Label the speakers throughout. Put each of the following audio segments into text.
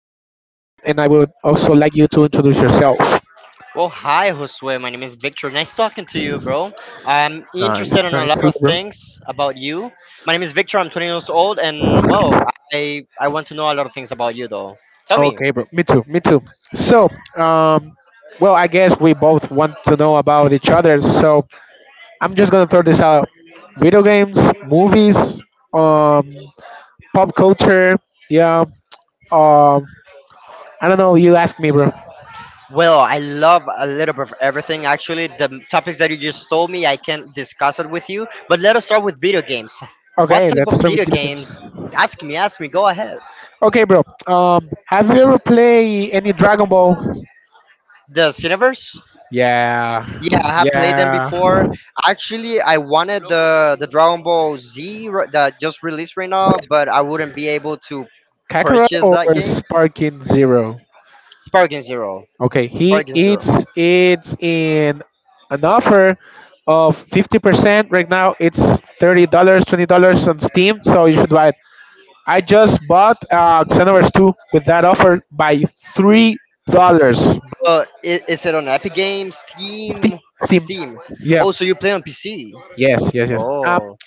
Speaker 1: old, and I would also like you to introduce yourself.
Speaker 2: Well, hi, Josue. My name is Victor. Nice talking to you, bro. I'm
Speaker 1: Nice,
Speaker 2: interested in
Speaker 1: nice.
Speaker 2: a lot
Speaker 1: Hello,
Speaker 2: of
Speaker 1: bro.
Speaker 2: things about you. My name is Victor. I'm 20 years old, and I want to know a lot of things about you, though. Tell me.
Speaker 1: Okay, bro. Me too. Me too. So, um, well, I guess we both want to know about each other. So, I'm just gonna throw this out: video games, movies, um, pop culture. Yeah. Um, I don't know. You ask me, bro.
Speaker 2: Well, I love a little bit of everything. Actually, the topics that you just told me, I can't discuss it with you. But let us start with video games. What
Speaker 1: Okay,
Speaker 2: type
Speaker 1: let's
Speaker 2: of
Speaker 1: start with
Speaker 2: video
Speaker 1: video
Speaker 2: games?
Speaker 1: games.
Speaker 2: Ask me. Ask me. Go ahead.
Speaker 1: Okay, bro. Have you ever played any Dragon Ball?
Speaker 2: The Cineverse.
Speaker 1: Yeah,
Speaker 2: Yeah, I have played them
Speaker 1: yeah.
Speaker 2: before. Actually, I wanted the Dragon Ball Z that just released right now, but I wouldn't be able to
Speaker 1: Kakarot
Speaker 2: purchase
Speaker 1: or
Speaker 2: that game.
Speaker 1: Sparking Zero?
Speaker 2: Sparking Zero,
Speaker 1: Okay, he
Speaker 2: Sparking Zero.
Speaker 1: it's in an offer of 50% right now. It's $30, $20 on Steam, so you should buy it. I just bought Xenoverse Two with that offer by $3.
Speaker 2: But is it on Epic Games,
Speaker 1: Steam,
Speaker 2: Steam,
Speaker 1: Steam.
Speaker 2: Steam?
Speaker 1: Yeah.
Speaker 2: Oh, so you play on PC?
Speaker 1: Yes. Yes. Yes.
Speaker 2: Oh,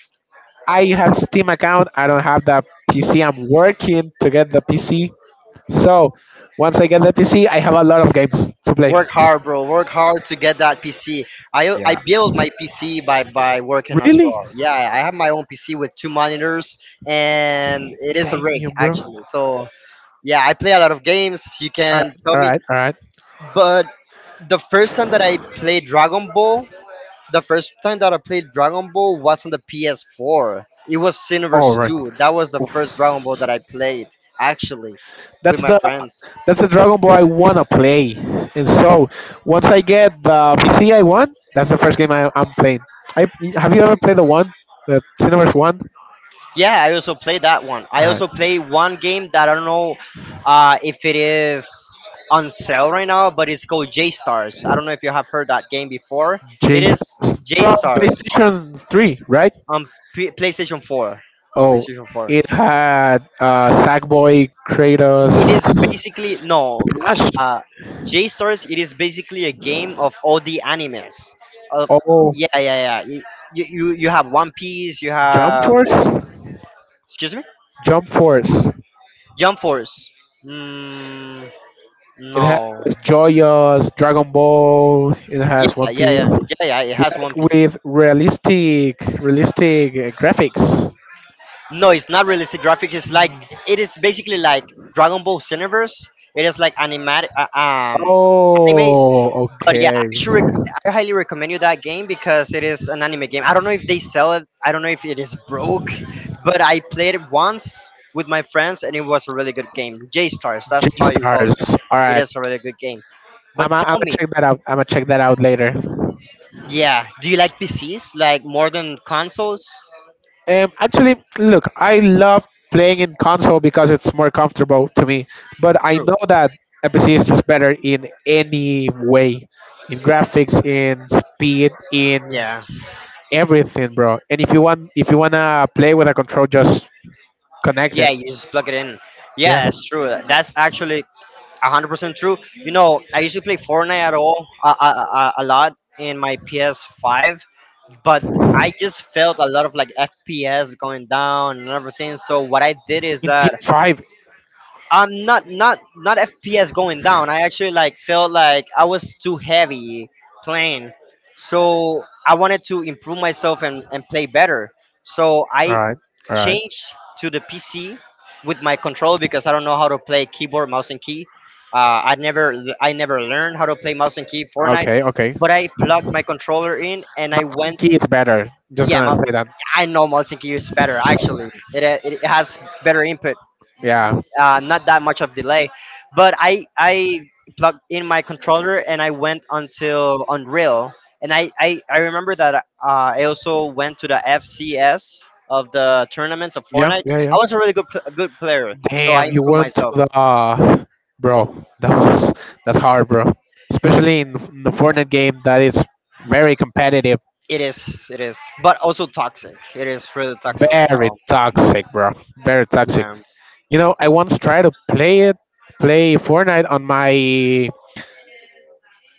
Speaker 1: I have Steam account. I don't have the PC. I'm working to get the PC. So once I get the PC, I have a lot of games to play.
Speaker 2: work hard, bro. Work hard to get that PC. I
Speaker 1: Yeah.
Speaker 2: built my PC by working as well.
Speaker 1: Really?
Speaker 2: Yeah, I have my own PC with two monitors, and it is a
Speaker 1: Damn
Speaker 2: rig
Speaker 1: you, bro. All
Speaker 2: actually. So yeah, I play a lot of games. You
Speaker 1: right,
Speaker 2: can tell
Speaker 1: all
Speaker 2: me,
Speaker 1: right, all right,
Speaker 2: but the first time that I played Dragon Ball, the first time that I played Dragon Ball was on the PS4. It was
Speaker 1: all
Speaker 2: Xenoverse
Speaker 1: right.
Speaker 2: 2. That was the first
Speaker 1: Oof.
Speaker 2: Dragon Ball that I played actually with
Speaker 1: That's
Speaker 2: my
Speaker 1: the
Speaker 2: friends.
Speaker 1: that's the Dragon Ball I wanna play. And so once I get the PC I want, that's the first game I'm playing. I have you ever played the one, the Cineverse one?
Speaker 2: Yeah, I also played that one. I
Speaker 1: All right,
Speaker 2: also play one game that I don't know if it is on sale right now, but it's called J Stars. I don't know if you have heard that game before. It
Speaker 1: J
Speaker 2: is
Speaker 1: Stars
Speaker 2: J
Speaker 1: from
Speaker 2: Stars
Speaker 1: PlayStation Three, right?
Speaker 2: on PlayStation 4.
Speaker 1: Oh,
Speaker 2: PlayStation 4.
Speaker 1: it had Sackboy,
Speaker 2: It is
Speaker 1: Kratos,
Speaker 2: basically no
Speaker 1: Smash,
Speaker 2: uh JSTORs, it is basically a game of all the animes. Uh,
Speaker 1: oh,
Speaker 2: yeah, yeah, yeah. You you have One Piece, you
Speaker 1: Jump
Speaker 2: have
Speaker 1: Force.
Speaker 2: excuse me?
Speaker 1: Jump Force.
Speaker 2: Jump Force. Mm,
Speaker 1: It has
Speaker 2: no.
Speaker 1: JoJo's Dragon Ball. It has
Speaker 2: Yeah,
Speaker 1: One
Speaker 2: yeah,
Speaker 1: Piece,
Speaker 2: yeah. Yeah, yeah, it has One
Speaker 1: like
Speaker 2: Piece.
Speaker 1: with realistic graphics.
Speaker 2: No, it's not realistic graphic. It's like
Speaker 1: Hmm.
Speaker 2: it is basically like Dragon Ball Cineverse. It is like animatic anime.
Speaker 1: Oh,
Speaker 2: But yeah,
Speaker 1: okay.
Speaker 2: I highly recommend you that game because it is an anime game. I don't know if they sell it. I don't know if it is broke, but I played it once with my friends and it was a really good game. J Stars, that's
Speaker 1: J
Speaker 2: how you call it.
Speaker 1: Stars. All
Speaker 2: It
Speaker 1: right.
Speaker 2: is a really good game.
Speaker 1: I'm
Speaker 2: But
Speaker 1: gonna
Speaker 2: tell me,
Speaker 1: check that out. I'm gonna check that out later.
Speaker 2: yeah, do you like PCs like more than consoles?
Speaker 1: Actually, look, I love playing in console because it's more comfortable to me. But I
Speaker 2: True.
Speaker 1: know that MPC is just better in any way, in graphics, in speed, in
Speaker 2: Yeah.
Speaker 1: everything, bro. And if you wanna play with a control, just connect
Speaker 2: Yeah,
Speaker 1: it.
Speaker 2: you just plug it in.
Speaker 1: Yeah,
Speaker 2: Yeah, that's true. That's actually 100% true. You know, I used to play Fortnite at all a lot in my PS5, but I just felt a lot of like FPS going down and everything. So what I did is
Speaker 1: in
Speaker 2: that
Speaker 1: PS5.
Speaker 2: I'm not FPS going down. I actually like felt like I was too heavy playing, so I wanted to improve myself and play better. So
Speaker 1: All
Speaker 2: I
Speaker 1: right, all right,
Speaker 2: changed to the PC with my controller because I don't know how to play keyboard, mouse, and key. I never learned how to play mouse and key Fortnite,
Speaker 1: okay, okay.
Speaker 2: but I plugged my controller in and I
Speaker 1: Mouse and
Speaker 2: went.
Speaker 1: key is better. Just
Speaker 2: Yeah,
Speaker 1: gonna say that.
Speaker 2: I know mouse and key is better actually. It has better input,
Speaker 1: Yeah,
Speaker 2: not that much of delay. But I plugged in my controller and I went until Unreal, and I remember that I also went to the FCS of the tournaments of
Speaker 1: yeah,
Speaker 2: Fortnite.
Speaker 1: yeah, yeah.
Speaker 2: I was a really good good player, so I
Speaker 1: Damn, you
Speaker 2: improved
Speaker 1: went to
Speaker 2: myself.
Speaker 1: the, bro. That's hard, bro. Especially in the Fortnite game, that is very competitive,
Speaker 2: It is, but also toxic. It is really toxic as
Speaker 1: very
Speaker 2: hell.
Speaker 1: toxic, bro. Very toxic.
Speaker 2: Yeah,
Speaker 1: You know, I once tried to play Fortnite on my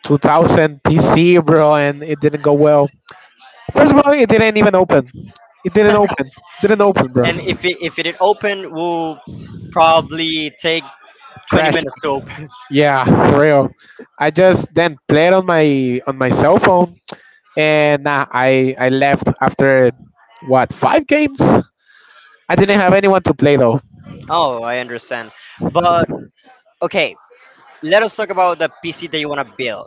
Speaker 1: 2000 PC, bro, and it didn't go well. First of all, it didn't even open. It didn't open. Didn't open, bro.
Speaker 2: and if it is open, will probably take 20
Speaker 1: Crashed.
Speaker 2: minutes to open.
Speaker 1: Yeah, for real. I just then played on my cell phone and nah, I left after what five games. I didn't have anyone to play though.
Speaker 2: Oh, I understand, but okay. Let us talk about the PC that you want to build.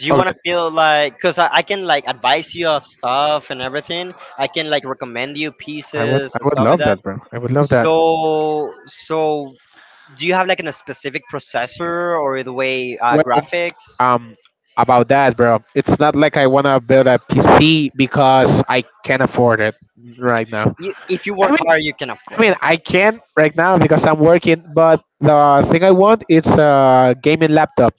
Speaker 2: Do you want
Speaker 1: Okay,
Speaker 2: to build like because I can like advise you of stuff and everything. I can like recommend you
Speaker 1: I would
Speaker 2: pieces
Speaker 1: I
Speaker 2: and
Speaker 1: would
Speaker 2: stuff like
Speaker 1: love
Speaker 2: that.
Speaker 1: that, bro. I would love that.
Speaker 2: So do you have like a specific processor or the way
Speaker 1: Well,
Speaker 2: graphics?
Speaker 1: um, about that, bro, it's not like I wanna build a PC because I can't afford it right now.
Speaker 2: You, if you
Speaker 1: I
Speaker 2: work
Speaker 1: mean,
Speaker 2: hard, you can
Speaker 1: I
Speaker 2: afford
Speaker 1: mean,
Speaker 2: it.
Speaker 1: I can right now because I'm working, but the thing I want is a gaming laptop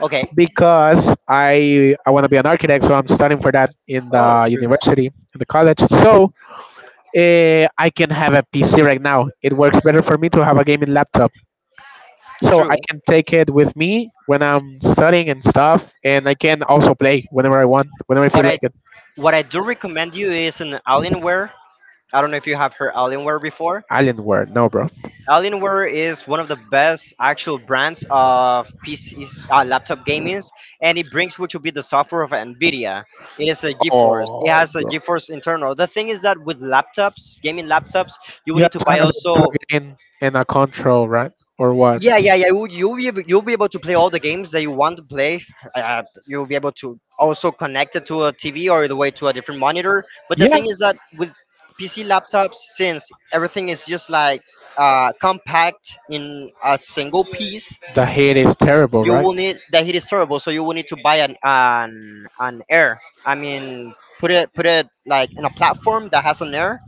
Speaker 2: Okay.
Speaker 1: because I wanna be an architect, so I'm studying for that in
Speaker 2: Oh,
Speaker 1: the
Speaker 2: true,
Speaker 1: university, in the college. So I can have a PC right now. It works better for me to have a gaming laptop. So I
Speaker 2: true.
Speaker 1: can take it with me when I'm studying and stuff, and I can also play whenever I want, whenever I feel
Speaker 2: What I
Speaker 1: like it.
Speaker 2: what I do recommend you is an Alienware. I don't know if you have heard Alienware before.
Speaker 1: Alienware, no, bro.
Speaker 2: Alienware is one of the best actual brands of PCs, laptop gaming, and it brings what will be the software of NVIDIA. It is a GeForce. It
Speaker 1: Oh,
Speaker 2: has a
Speaker 1: bro.
Speaker 2: GeForce internal. The thing is that with laptops, gaming laptops, you will
Speaker 1: You
Speaker 2: need
Speaker 1: have
Speaker 2: to
Speaker 1: to
Speaker 2: buy
Speaker 1: have it plugged
Speaker 2: also
Speaker 1: in and a control, right? Or what?
Speaker 2: yeah, yeah, yeah. You'll be able to play all the games that you want to play. You'll be able to also connect it to a TV or the way to a different monitor. But the
Speaker 1: Yeah,
Speaker 2: thing is that with PC laptops, since everything is just like compact in a single piece,
Speaker 1: the hate is terrible,
Speaker 2: you
Speaker 1: right?
Speaker 2: will need the heat is terrible. So you will need to buy an air. I mean, put it like in a platform that has an air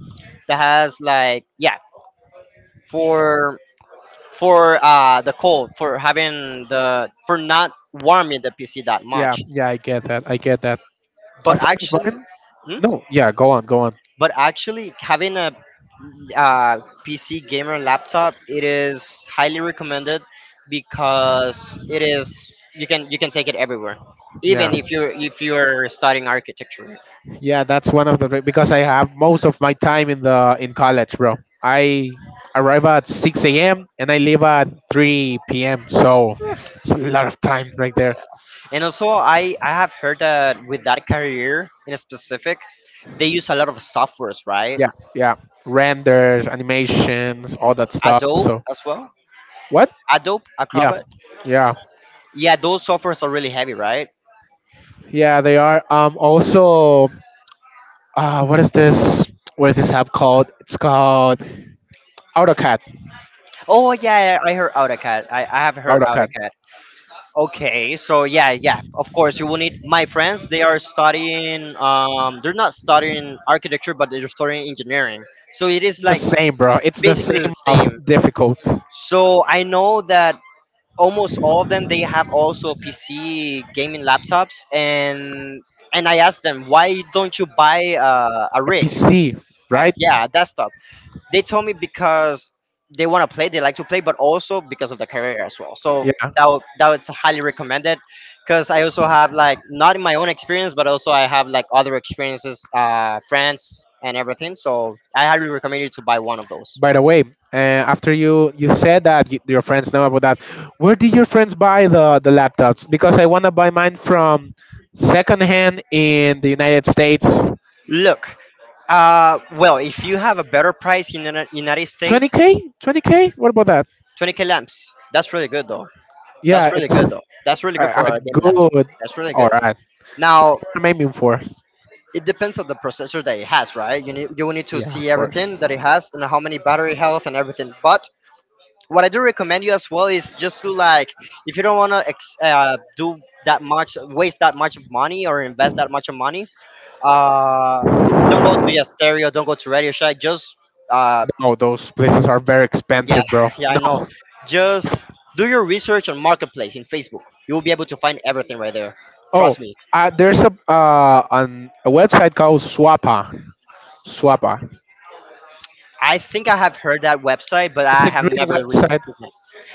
Speaker 2: that has like yeah for the cold, for having the for not warming the PC that
Speaker 1: Yeah,
Speaker 2: much.
Speaker 1: yeah, I get that. I get that.
Speaker 2: But
Speaker 1: A friend of
Speaker 2: actually,
Speaker 1: mine?
Speaker 2: hmm?
Speaker 1: No, yeah, go on, go on.
Speaker 2: But actually having a uh, PC gamer laptop, it is highly recommended because it is you can take it everywhere,
Speaker 1: Yeah.
Speaker 2: even if you're studying architecture.
Speaker 1: Yeah, that's one of the because I have most of my time in the in college, bro. I arrive at 6 a.m. and I leave at 3 p.m. So it's a lot of time right there.
Speaker 2: And also, I have heard that with that career in specific, they use a lot of softwares, right?
Speaker 1: Yeah, yeah. Renders, animations, all that stuff.
Speaker 2: Adobe
Speaker 1: So
Speaker 2: as well.
Speaker 1: what?
Speaker 2: Adobe
Speaker 1: Yeah,
Speaker 2: Acrobat.
Speaker 1: yeah,
Speaker 2: Yeah, those softwares are really heavy, right?
Speaker 1: yeah. They are. Also, what is this? What is this app called? It's called AutoCAD.
Speaker 2: Oh yeah, I heard AutoCAD. I have heard
Speaker 1: AutoCAD.
Speaker 2: AutoCAD. Okay, so yeah, yeah, of course you will need my friends. They are studying. They're not studying architecture, but they're studying engineering. So it is
Speaker 1: The
Speaker 2: like
Speaker 1: same, bro. It's the
Speaker 2: basically
Speaker 1: same
Speaker 2: the same.
Speaker 1: of difficult. A
Speaker 2: So I know that almost all of them they have also PC gaming laptops, and I asked them why don't you buy a rig?
Speaker 1: PC, right?
Speaker 2: Yeah, a desktop. They told me because they want to play, they like to play, but also because of the career as well. So
Speaker 1: Yeah.
Speaker 2: that was highly recommended because I also have like not in my own experience, but also I have like other experiences, friends and everything. So I highly recommend you to buy one of those.
Speaker 1: By the way, after you said that y your friends know about that, where did your friends buy the laptops? Because I want to buy mine from secondhand in the United States.
Speaker 2: Look, well, if you have a better price in the United States,
Speaker 1: 20K, 20K. What about that?
Speaker 2: 20k lamps. That's really good though.
Speaker 1: Yeah,
Speaker 2: That's really
Speaker 1: it's
Speaker 2: good
Speaker 1: a,
Speaker 2: though. That's really good for
Speaker 1: a
Speaker 2: a game laptop.
Speaker 1: good.
Speaker 2: That's really
Speaker 1: All
Speaker 2: good.
Speaker 1: right,
Speaker 2: Now,
Speaker 1: I'm aiming for.
Speaker 2: it depends on the processor that it has, right? You will need to
Speaker 1: Yeah, of
Speaker 2: see everything
Speaker 1: course.
Speaker 2: that it has and how many battery health and everything. But what I do recommend you as well is just to like if you don't want to do that much, waste that much of money or invest that much of money, uh, don't go to yeah, stereo, don't go to Radio Shack. Just uh,
Speaker 1: No, those places are very
Speaker 2: yeah,
Speaker 1: expensive, bro.
Speaker 2: yeah, I know.
Speaker 1: No.
Speaker 2: Just do your research on marketplace in Facebook. You will be able to find everything right there.
Speaker 1: Oh,
Speaker 2: Trust me.
Speaker 1: there's a website called Swappa. Swappa.
Speaker 2: I think I have heard that website, but
Speaker 1: It's
Speaker 2: I
Speaker 1: a
Speaker 2: have
Speaker 1: green
Speaker 2: never.
Speaker 1: website.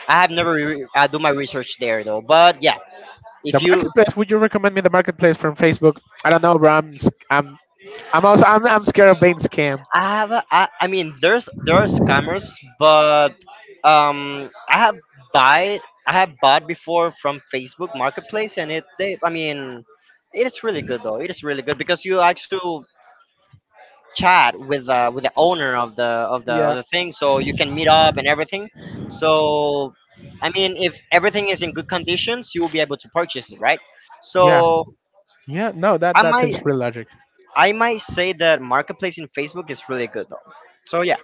Speaker 2: I have never do my research there though. But yeah,
Speaker 1: The
Speaker 2: if you,
Speaker 1: marketplace. Would you recommend me the marketplace from Facebook? I don't know, bro. I'm also I'm scared of being scammed.
Speaker 2: I have, a, I mean, there's there are scammers, but um, I have buy I have bought before from Facebook Marketplace, and it they, I mean, it is really good though. It is really good because you actually chat with the owner of the of the of
Speaker 1: Yeah,
Speaker 2: the thing, so you can meet up and everything. So. I mean, if everything is in good conditions, you will be able to purchase it, right?
Speaker 1: yeah,
Speaker 2: So
Speaker 1: yeah. No, that
Speaker 2: I
Speaker 1: that
Speaker 2: might
Speaker 1: seems real logic.
Speaker 2: I might say that marketplace in Facebook is really good though. So yeah,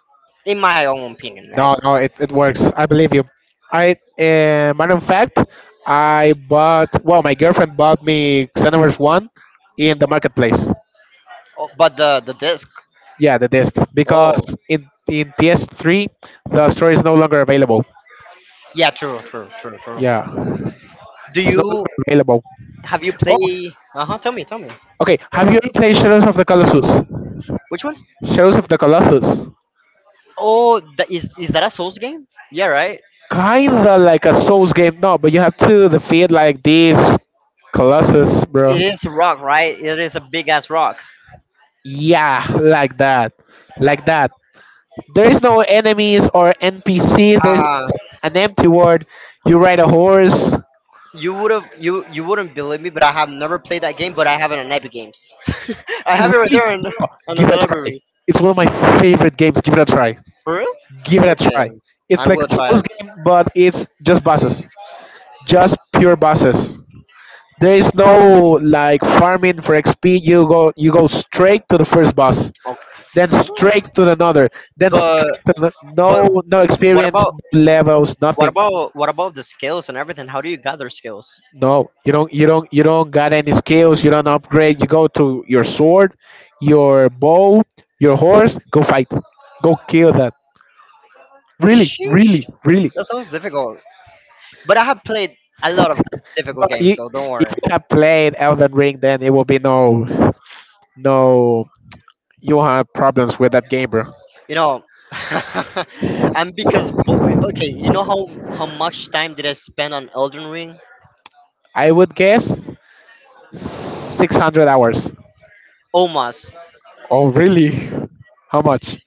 Speaker 2: in my own opinion, right?
Speaker 1: No, no, it works. I believe you. I Matter of fact, I bought. Well, my girlfriend bought me Xenoverse One in the marketplace.
Speaker 2: Oh, but the disc.
Speaker 1: Yeah, the disc
Speaker 2: Oh,
Speaker 1: because in PS3 the store is no longer available.
Speaker 2: yeah, true, true, true, true.
Speaker 1: Yeah,
Speaker 2: Do
Speaker 1: it's no
Speaker 2: you
Speaker 1: longer available.
Speaker 2: have you
Speaker 1: Oh,
Speaker 2: play? Uh huh. Tell me, tell me.
Speaker 1: okay.
Speaker 2: Go
Speaker 1: Have
Speaker 2: ahead.
Speaker 1: you ever played Shadows of the Colossus?
Speaker 2: Which one?
Speaker 1: Shadows of the Colossus.
Speaker 2: Oh, that is that a Souls game? Yeah, right.
Speaker 1: Kinda like a Souls game, no, but you have to defeat like these Colossus,
Speaker 2: It
Speaker 1: bro.
Speaker 2: is a rock, right? It is a big ass rock.
Speaker 1: Yeah, like that. Like that. There is no enemies or NPCs. There's
Speaker 2: Uh
Speaker 1: an empty world. You ride a horse.
Speaker 2: you would have you wouldn't believe me, but I have never played that game, but I have it on Epic Games. I
Speaker 1: You
Speaker 2: have it right
Speaker 1: really
Speaker 2: there on the
Speaker 1: give it a try.
Speaker 2: library.
Speaker 1: It's one of my favorite games. Give it a try.
Speaker 2: For real?
Speaker 1: Give it a
Speaker 2: Okay.
Speaker 1: try. It's
Speaker 2: I
Speaker 1: like
Speaker 2: will
Speaker 1: a Souls
Speaker 2: try
Speaker 1: game, but it's just bosses. Just pure bosses. There is no like farming for XP. You go straight to the first boss,
Speaker 2: it.
Speaker 1: then straight to another, then
Speaker 2: But but
Speaker 1: no no
Speaker 2: what
Speaker 1: experience,
Speaker 2: about
Speaker 1: no levels,
Speaker 2: what
Speaker 1: nothing.
Speaker 2: about what about the skills and everything? How do you gather skills?
Speaker 1: No, you don't got any skills. You don't upgrade. You go to your sword, your bow, your horse. Go fight. Go kill that. Really,
Speaker 2: Sheesh,
Speaker 1: really, really.
Speaker 2: that sounds difficult. But I have played a lot of
Speaker 1: No,
Speaker 2: difficult games, so don't
Speaker 1: if
Speaker 2: worry.
Speaker 1: you have played Elden Ring, then it will be no no. You will have problems with that game, bro.
Speaker 2: You know, and because okay, you know how much time did I spend on Elden Ring?
Speaker 1: I would guess 600 hours.
Speaker 2: Almost
Speaker 1: Oh, really? How much?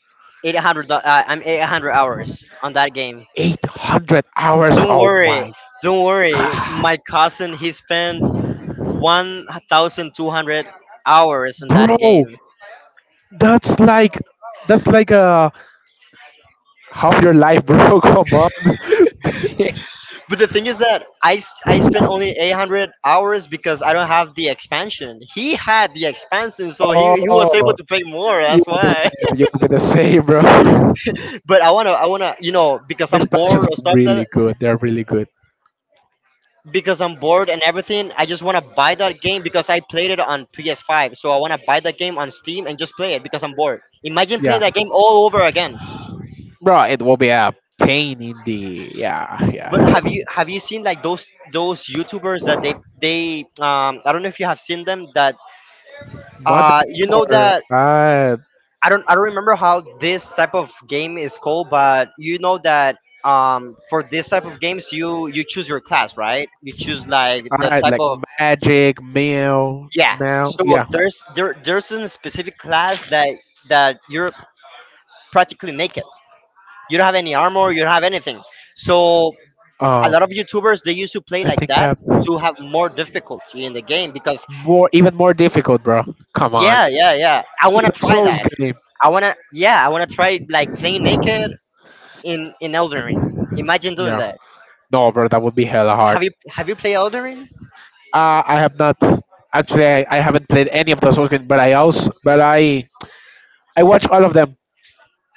Speaker 2: 800. I'm 800 hours on that game.
Speaker 1: 800 hours.
Speaker 2: Don't
Speaker 1: Oh
Speaker 2: worry,
Speaker 1: my
Speaker 2: don't worry.
Speaker 1: god.
Speaker 2: My cousin he spent 1,200 hours on that
Speaker 1: Bro,
Speaker 2: game.
Speaker 1: that's like that's like a half your life, bro. Come on.
Speaker 2: But the thing is that I spent only 800 hours because I don't have the expansion. He had the expansion, so he was able
Speaker 1: Oh,
Speaker 2: to pay more.
Speaker 1: you
Speaker 2: That's
Speaker 1: will be the
Speaker 2: why.
Speaker 1: same. You will be the same, bro.
Speaker 2: But I wanna because
Speaker 1: The
Speaker 2: I'm
Speaker 1: expansions
Speaker 2: bored or
Speaker 1: are
Speaker 2: stuff
Speaker 1: really
Speaker 2: that
Speaker 1: good. They're really good.
Speaker 2: because I'm bored and everything. I just wanna buy that game because I played it on PS5. So I wanna buy that game on Steam and just play it because I'm bored. Imagine playing
Speaker 1: Yeah,
Speaker 2: that game all over again.
Speaker 1: bro. It will be a pain in the yeah,
Speaker 2: But
Speaker 1: yeah.
Speaker 2: have you seen like those YouTubers that they I don't know if you have seen them that
Speaker 1: Mother
Speaker 2: you
Speaker 1: game
Speaker 2: know
Speaker 1: or
Speaker 2: that I don't remember how this type of game is called, but you know that for this type of games you choose your class, right? You choose like
Speaker 1: all
Speaker 2: the
Speaker 1: right,
Speaker 2: type
Speaker 1: like
Speaker 2: of
Speaker 1: magic, mail,
Speaker 2: yeah.
Speaker 1: mail.
Speaker 2: So
Speaker 1: Yeah,
Speaker 2: there's a specific class that you're practically naked. You don't have any armor, you don't have anything. So a
Speaker 1: Um,
Speaker 2: lot of YouTubers they used to play
Speaker 1: I
Speaker 2: like
Speaker 1: think
Speaker 2: that
Speaker 1: that
Speaker 2: to have more difficulty in the game because
Speaker 1: even more difficult, bro. Come on,
Speaker 2: yeah, yeah, yeah, I wanna
Speaker 1: even
Speaker 2: try
Speaker 1: Souls
Speaker 2: that.
Speaker 1: game.
Speaker 2: I wanna yeah, I wanna try like playing naked in Elden Ring. Imagine doing
Speaker 1: Yeah,
Speaker 2: that.
Speaker 1: no, bro, that would be hella hard.
Speaker 2: Have you played Elden Ring?
Speaker 1: I have not actually. I haven't played any of the Souls games, but I also, but I watch all of them.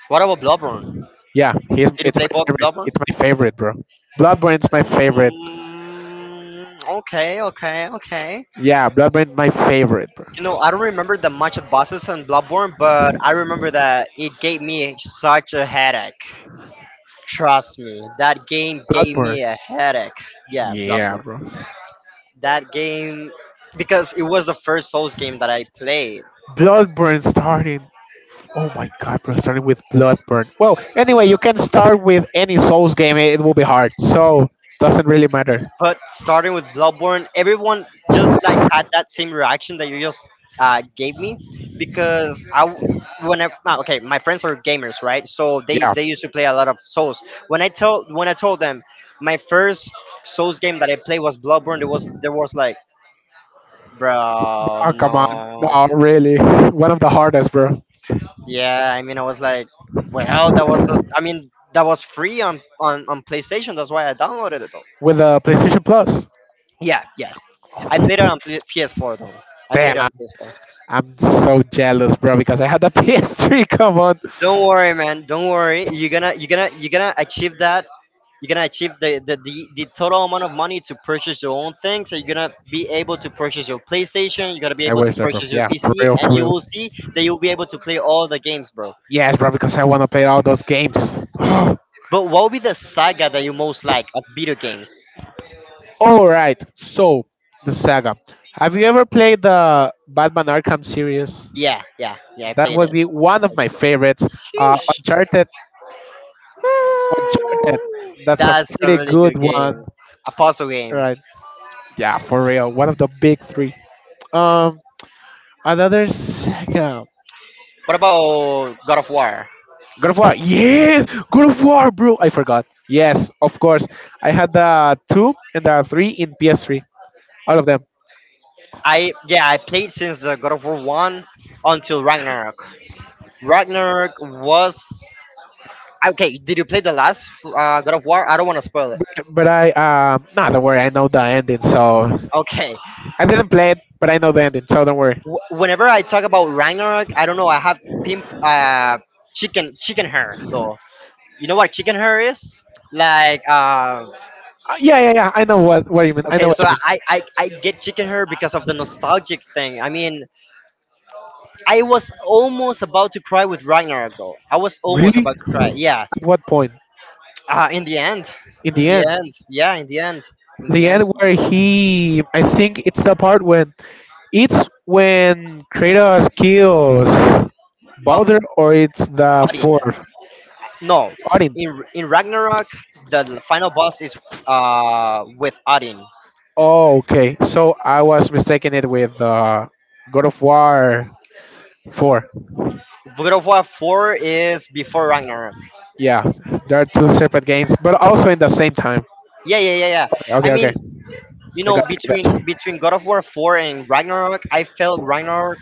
Speaker 2: What about Bloodborne?
Speaker 1: Yeah,
Speaker 2: Did you
Speaker 1: it's
Speaker 2: play
Speaker 1: my favorite.
Speaker 2: Bloodborne?
Speaker 1: It's my favorite, bro. Bloodborne's my favorite.
Speaker 2: Mm, okay, okay, okay.
Speaker 1: Yeah, Bloodborne, my favorite, bro.
Speaker 2: You know, I don't remember that much of bosses on Bloodborne, but I remember that it gave me such a headache. Trust me, that game gave me
Speaker 1: Bloodborne.
Speaker 2: a headache. Yeah,
Speaker 1: Yeah,
Speaker 2: Bloodborne.
Speaker 1: bro.
Speaker 2: That game, because it was the first Souls game that I played.
Speaker 1: Bloodborne starting Oh my god, bro, starting with Bloodborne. Well, anyway, you can start with any Souls game, it will be hard. So, doesn't really matter.
Speaker 2: But starting with Bloodborne, everyone just like had that same reaction that you just gave me because when I okay, my friends are gamers, right? So they
Speaker 1: Yeah,
Speaker 2: they used to play a lot of Souls. When I told them my first Souls game that I played was Bloodborne, there was like, bro,
Speaker 1: oh, come on.
Speaker 2: no,
Speaker 1: No, really. One of the hardest, bro.
Speaker 2: yeah. I mean, I was like, well, that was I mean that was free on on PlayStation. That's why I downloaded it though.
Speaker 1: With the PlayStation Plus.
Speaker 2: Yeah, yeah. I played it on PS4 though. I
Speaker 1: Damn,
Speaker 2: played it
Speaker 1: I'm
Speaker 2: on PS4.
Speaker 1: I'm so jealous, bro, because I had the PS3. Come on.
Speaker 2: Don't worry, man. Don't worry. You're gonna achieve that. You're gonna achieve the total amount of money to purchase your own things. So you're gonna be able to purchase your PlayStation. You're gonna be
Speaker 1: I
Speaker 2: able to
Speaker 1: wish that, bro.
Speaker 2: purchase your
Speaker 1: Yeah, for
Speaker 2: PC,
Speaker 1: real, for
Speaker 2: and you
Speaker 1: real.
Speaker 2: will see that you'll be able to play all the games, bro.
Speaker 1: Yes, bro, because I want to play all those games. All
Speaker 2: But what would be the saga that you most like of video games?
Speaker 1: right, so, the saga. Have you ever played the Batman Arkham series?
Speaker 2: Yeah, yeah, yeah, I
Speaker 1: That
Speaker 2: played
Speaker 1: would
Speaker 2: it.
Speaker 1: be one of my favorites. Uncharted, Uncharted. That's a
Speaker 2: That's a
Speaker 1: pretty
Speaker 2: really
Speaker 1: good
Speaker 2: good game.
Speaker 1: one,
Speaker 2: A puzzle game.
Speaker 1: right? Yeah, for real. One of the big three. Um, another second.
Speaker 2: What about God of War?
Speaker 1: God of War. Yes, God of War, bro. I forgot. Yes, of course. I had the two and the three in PS3, all of them.
Speaker 2: I yeah, I played since the God of War one until Ragnarok. Ragnarok was okay. Did you play the last God of War? I don't want to spoil it.
Speaker 1: But I nah, don't worry. I know the ending, so
Speaker 2: Okay.
Speaker 1: I didn't play it, but I know the ending, so don't worry.
Speaker 2: Whenever I talk about Ragnarok, I don't know. I have pimp chicken hair though. You know what chicken hair is? Like
Speaker 1: Yeah, yeah, yeah. I know what you mean. I know
Speaker 2: okay,
Speaker 1: what
Speaker 2: so
Speaker 1: you mean.
Speaker 2: I get chicken hair because of the nostalgic thing. I mean, I was almost about to cry with Ragnarok though. I was almost
Speaker 1: Really?
Speaker 2: about to cry. Yeah.
Speaker 1: At what point?
Speaker 2: Uh, in the end,
Speaker 1: In
Speaker 2: in
Speaker 1: the
Speaker 2: the
Speaker 1: end.
Speaker 2: end, yeah, in the
Speaker 1: The end
Speaker 2: end,
Speaker 1: I think it's the part when Kratos kills
Speaker 2: uh,
Speaker 1: Balder, or it's the
Speaker 2: Odin.
Speaker 1: fourth
Speaker 2: No,
Speaker 1: Odin.
Speaker 2: in Ragnarok, the final boss is with Odin.
Speaker 1: Oh, okay. So I was mistaken it with God of War four.
Speaker 2: God of War Four is before Ragnarok.
Speaker 1: Yeah, there are two separate games, but also in the same time.
Speaker 2: Yeah, yeah, yeah, yeah.
Speaker 1: Okay,
Speaker 2: I
Speaker 1: okay, okay.
Speaker 2: mean, you
Speaker 1: I
Speaker 2: know,
Speaker 1: got you. I
Speaker 2: between
Speaker 1: got you.
Speaker 2: between God of War Four and Ragnarok, I felt Ragnarok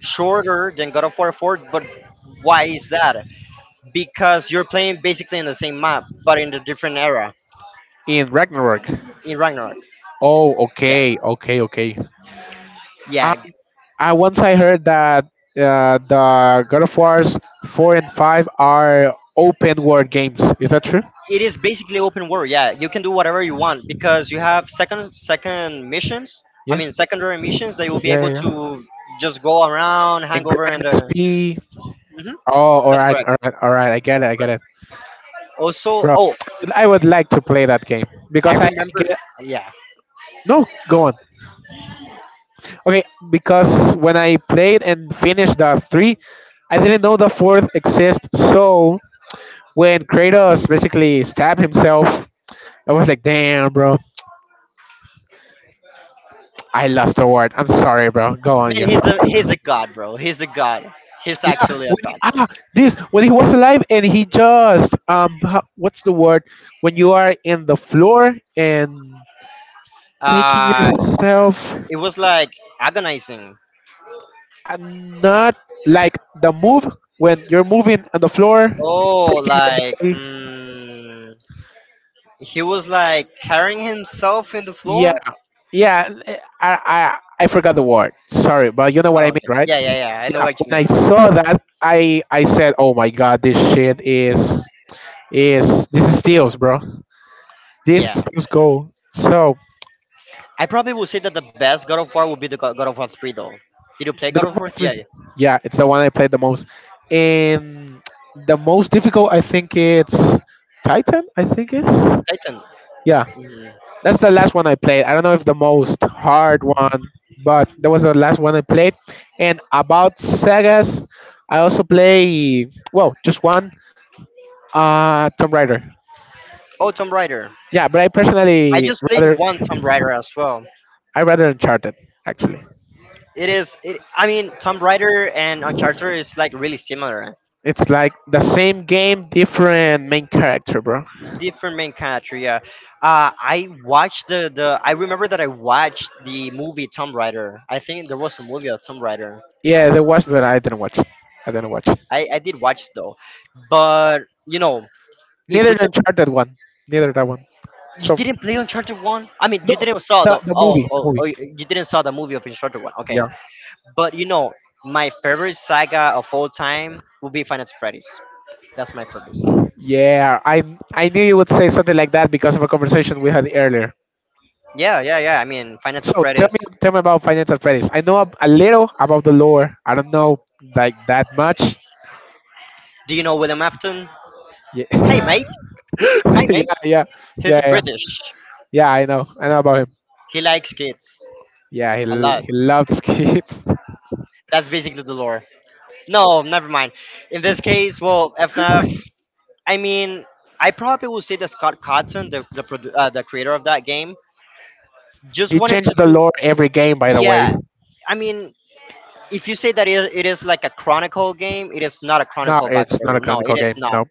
Speaker 2: shorter than God of War Four. But why is that? Because you're playing basically in the same map, but in a different era
Speaker 1: In Ragnarok.
Speaker 2: in Ragnarok.
Speaker 1: Oh,
Speaker 2: Yeah,
Speaker 1: okay, okay, okay.
Speaker 2: yeah.
Speaker 1: I once I heard that the God of War's four and five are open world games. Is that true?
Speaker 2: It is basically open world, yeah, you can do whatever you want because you have second missions. I
Speaker 1: Yeah,
Speaker 2: mean secondary missions that you'll be
Speaker 1: yeah,
Speaker 2: able
Speaker 1: yeah,
Speaker 2: to
Speaker 1: yeah.
Speaker 2: just go around, hang
Speaker 1: And
Speaker 2: over,
Speaker 1: grind
Speaker 2: and
Speaker 1: XP.
Speaker 2: mhm,
Speaker 1: Oh, all
Speaker 2: that's
Speaker 1: right,
Speaker 2: correct,
Speaker 1: all right, all right.
Speaker 2: that's
Speaker 1: I get
Speaker 2: correct.
Speaker 1: it,
Speaker 2: Also,
Speaker 1: bro.
Speaker 2: oh,
Speaker 1: I would like to play that game
Speaker 2: I
Speaker 1: because I
Speaker 2: remember,
Speaker 1: get
Speaker 2: yeah,
Speaker 1: no. Go on. Okay, because when I played and finished the three, I didn't know the fourth exists. So when Kratos basically stabbed himself, I was like, damn, bro. I lost the word. I'm sorry, bro. Go on, you.
Speaker 2: man, he's a god, bro, he's a god, he's
Speaker 1: Yeah,
Speaker 2: actually a
Speaker 1: when he,
Speaker 2: god, bro.
Speaker 1: this when he was alive and he just what's the word when you are in the floor and taking
Speaker 2: Uh,
Speaker 1: yourself,
Speaker 2: it was like agonizing.
Speaker 1: and not like the move when you're moving on the floor
Speaker 2: Oh
Speaker 1: taking your
Speaker 2: like
Speaker 1: body,
Speaker 2: he was like carrying himself in the
Speaker 1: yeah,
Speaker 2: floor.
Speaker 1: yeah, I forgot the word, sorry, but you know what
Speaker 2: Oh
Speaker 1: I mean,
Speaker 2: okay,
Speaker 1: right?
Speaker 2: yeah yeah yeah, I know
Speaker 1: Yeah,
Speaker 2: what you
Speaker 1: when I
Speaker 2: mean.
Speaker 1: saw that, I said oh my god, this shit is this is steals, bro. This
Speaker 2: Yeah,
Speaker 1: steals gold. So
Speaker 2: I probably would say that the best God of War would be the God of War 3 though. Did you play
Speaker 1: the
Speaker 2: God of
Speaker 1: Grand
Speaker 2: War?
Speaker 1: Theft
Speaker 2: Yeah,
Speaker 1: Three.
Speaker 2: yeah.
Speaker 1: Yeah, it's the one I played the most. And the most difficult, I think it's Titan. I think it's,
Speaker 2: Titan.
Speaker 1: yeah.
Speaker 2: Mhm.
Speaker 1: That's the last one I played. I don't know if the most hard one, but that was the last one I played. And about Segas, I also play, well, just one Tomb Raider.
Speaker 2: Oh, Tomb Raider.
Speaker 1: Yeah, but
Speaker 2: I just played one Tomb Raider as well.
Speaker 1: I rather Uncharted actually.
Speaker 2: It is. It, I mean, Tomb Raider and Uncharted is like really similar,
Speaker 1: It's like the same game, different main character, bro.
Speaker 2: different main country. Yeah. I watched the the. I remember that I watched the movie Tomb Raider. I think there was a movie of Tomb Raider.
Speaker 1: Yeah, there was, but I didn't watch it. I didn't watch.
Speaker 2: I did watch it though, but you know, if
Speaker 1: Neither
Speaker 2: we
Speaker 1: the
Speaker 2: talk
Speaker 1: Uncharted one. Neither that one.
Speaker 2: you
Speaker 1: So
Speaker 2: didn't play Uncharted One? I mean, you
Speaker 1: no,
Speaker 2: didn't saw the
Speaker 1: the movie, the movie.
Speaker 2: you didn't saw the movie of Uncharted One. Okay,
Speaker 1: Yeah,
Speaker 2: but you know my favorite saga of all time would be Final Fantasy Freddy's. That's my favorite saga.
Speaker 1: yeah. I knew you would say something like that because of a conversation we had earlier.
Speaker 2: Yeah, yeah, yeah. I mean, Final Fantasy
Speaker 1: So,
Speaker 2: Freddy's.
Speaker 1: tell me about Financial Freddy's. I know a little about the lore. I don't know like that much.
Speaker 2: Do you know William Afton?
Speaker 1: Yeah,
Speaker 2: Hey, mate. Hi,
Speaker 1: yeah,
Speaker 2: mate.
Speaker 1: yeah,
Speaker 2: He's a
Speaker 1: yeah, yeah.
Speaker 2: British.
Speaker 1: Yeah, I know. I know about him.
Speaker 2: He likes kids
Speaker 1: Yeah,
Speaker 2: a lot.
Speaker 1: he loves kids.
Speaker 2: That's basically the lore. No, never mind. In this case, well, FNAF. I mean, I probably would say that Scott Cotton, the creator of that game, just
Speaker 1: He
Speaker 2: wanted
Speaker 1: changes
Speaker 2: to
Speaker 1: the
Speaker 2: do
Speaker 1: lore every game, by the way.
Speaker 2: yeah, I mean, if you say that it is like a chronicle game, it is not a
Speaker 1: No,
Speaker 2: chronicle
Speaker 1: it's
Speaker 2: backstory.
Speaker 1: not a
Speaker 2: No, it
Speaker 1: canonical
Speaker 2: is
Speaker 1: game.
Speaker 2: not.
Speaker 1: No.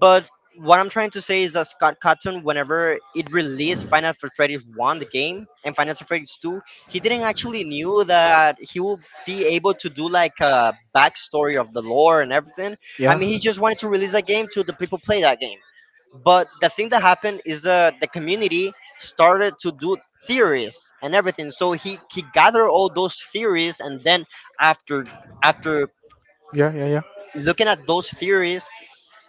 Speaker 2: But what I'm trying to say is that Scott Cotton, whenever it released Final Fantasy 1, the game, and Final Fantasy 2, he didn't actually knew that he would be able to do like a backstory of the lore and everything. I
Speaker 1: Yeah,
Speaker 2: mean, he just wanted to release that game to the people play that game. But the thing that happened is that the community started to do theories and everything. So he gathered all those theories, and then after after
Speaker 1: yeah, yeah.
Speaker 2: looking at those theories,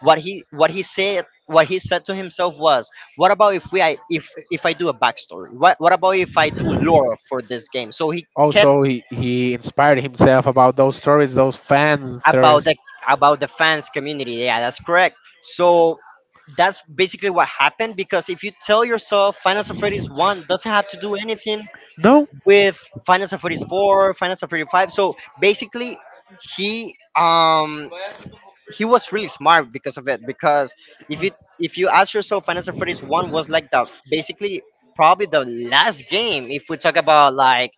Speaker 2: what he said to himself was what about if I do a backstory, what about if I do lore for this game. So he kept
Speaker 1: Also, he inspired himself about those stories, those fan
Speaker 2: about the
Speaker 1: stories.
Speaker 2: about the fans community, yeah, that's correct. So that's basically what happened because if you tell yourself Final Fantasy 1 doesn't have to do anything
Speaker 1: No,
Speaker 2: with Final Fantasy 4, Final Fantasy 5. So basically, he um he was really smart because of it. Because if you if you ask yourself, Final Fantasy 1 was like the basically probably the last game. If we talk about like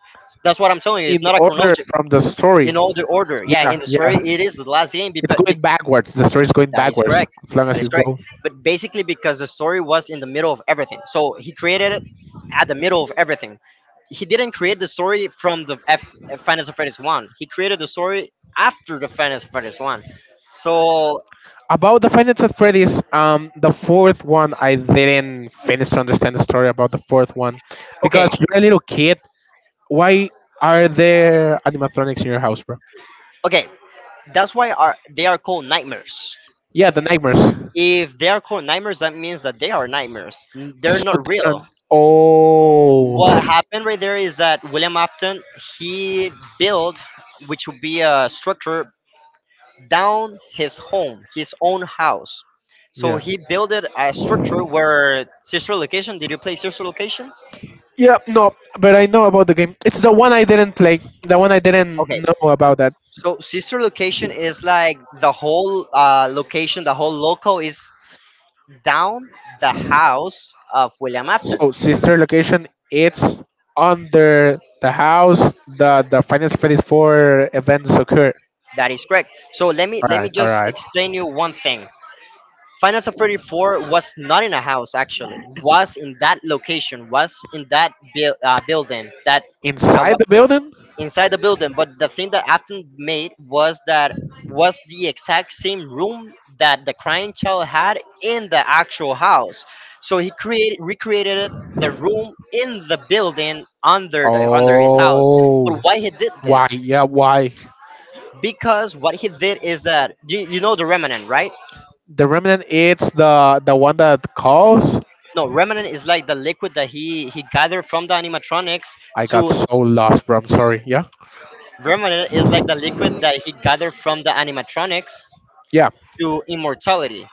Speaker 2: that's what I'm telling you, it's
Speaker 1: in
Speaker 2: not a
Speaker 1: order
Speaker 2: chronology
Speaker 1: from the story.
Speaker 2: in all the order. Yeah,
Speaker 1: Yeah,
Speaker 2: in the
Speaker 1: yeah.
Speaker 2: story, it is the last game
Speaker 1: It's
Speaker 2: because
Speaker 1: going backwards. The story's going
Speaker 2: that is
Speaker 1: backwards
Speaker 2: correct.
Speaker 1: as long
Speaker 2: That
Speaker 1: as
Speaker 2: is
Speaker 1: it's
Speaker 2: correct.
Speaker 1: go.
Speaker 2: But basically, because the story was in the middle of everything, so he created it at the middle of everything. He didn't create the story from the Final Fantasy One. He created the story after the Final Fantasy One. So
Speaker 1: About the Five Nights at Freddy's, the fourth one, I didn't finish to understand the story about the fourth one. Because
Speaker 2: okay,
Speaker 1: you're a little kid. Why are there animatronics in your house, bro?
Speaker 2: okay, that's why are they are called nightmares.
Speaker 1: Yeah, the nightmares.
Speaker 2: If they are called nightmares, that means that they are nightmares. They're
Speaker 1: So,
Speaker 2: not real. What
Speaker 1: oh.
Speaker 2: happened right there is that William Afton he built, which would be a structure down his home, his own house. So
Speaker 1: Yeah.
Speaker 2: he built a structure where sister location. Did you play sister location?
Speaker 1: Yeah, no, but I know about the game. It's the one I didn't play. The one I didn't
Speaker 2: Okay,
Speaker 1: know about that.
Speaker 2: so sister location is like the whole location, the whole local is down the house of William Afton.
Speaker 1: So sister location, it's under the house the Final Fantasy Four events occur.
Speaker 2: That is correct. So let me
Speaker 1: All
Speaker 2: let me
Speaker 1: right, all
Speaker 2: just
Speaker 1: right.
Speaker 2: explain you one thing. Final Fantasy 34 was not in a house actually. Was in that location. Was in that building that I
Speaker 1: Inside
Speaker 2: was
Speaker 1: the building.
Speaker 2: inside the building. But the thing that Afton made was that was the exact same room that the crying child had in the actual house. So he created recreated the room in the building under the under his house. But
Speaker 1: Oh,
Speaker 2: why he did
Speaker 1: why?
Speaker 2: this?
Speaker 1: Yeah, why?
Speaker 2: Because what he did is that you know the remnant, right?
Speaker 1: The remnant. It's the one that calls.
Speaker 2: No, remnant is like the liquid that he gathered from the animatronics
Speaker 1: I got
Speaker 2: to
Speaker 1: so lost, bro. I'm sorry. Yeah,
Speaker 2: remnant is like the liquid that he gathered from the animatronics
Speaker 1: yeah.
Speaker 2: to immortality.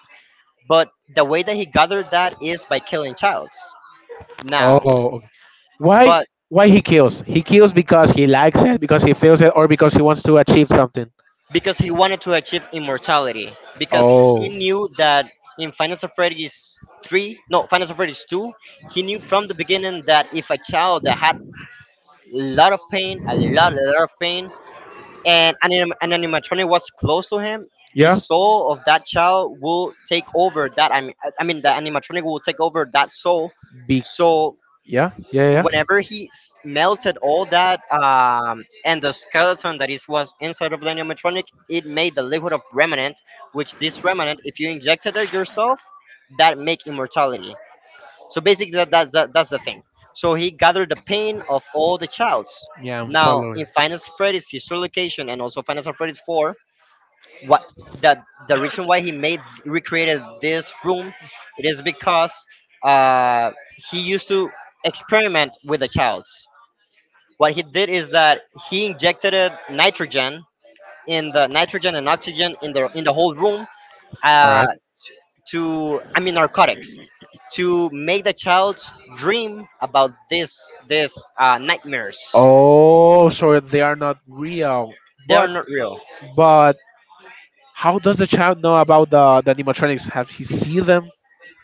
Speaker 2: But the way that he gathered that is by killing childs.
Speaker 1: Oh,
Speaker 2: Now,
Speaker 1: okay. Why?
Speaker 2: but
Speaker 1: Why he kills? He kills because he likes it, because he feels it, or because he wants to achieve something.
Speaker 2: because he wanted to achieve immortality, because he
Speaker 1: Oh,
Speaker 2: knew that in Final Fantasy 3, no, Final Fantasy 2, he knew from the beginning that if a child that had a lot of pain, a lot of pain, and an animatronic was close to him, the
Speaker 1: yeah,
Speaker 2: soul of that child will take over that. I mean, the animatronic will take over that soul.
Speaker 1: be
Speaker 2: So
Speaker 1: yeah, yeah, yeah,
Speaker 2: whenever he melted all that and the skeleton that is was inside of the animatronic, it made the liquid of remnant, which this remnant, if you injected it yourself, that make immortality. So basically, that's the thing. So he gathered the pain of all the childs.
Speaker 1: yeah. I'm
Speaker 2: Now
Speaker 1: following.
Speaker 2: in Final Fantasy Freddy's, his location, and also Final Fantasy Freddy's Four, what the the reason why he made recreated this room, it is because uh, he used to experiment with the childs. What he did is that he injected it nitrogen in the nitrogen and oxygen in the whole room,
Speaker 1: All
Speaker 2: uh,
Speaker 1: right.
Speaker 2: to I mean narcotics, to make the child dream about this nightmares.
Speaker 1: Oh, so they are not real.
Speaker 2: They are
Speaker 1: But
Speaker 2: not real
Speaker 1: but how does the child know about the animatronics? Have he seen them?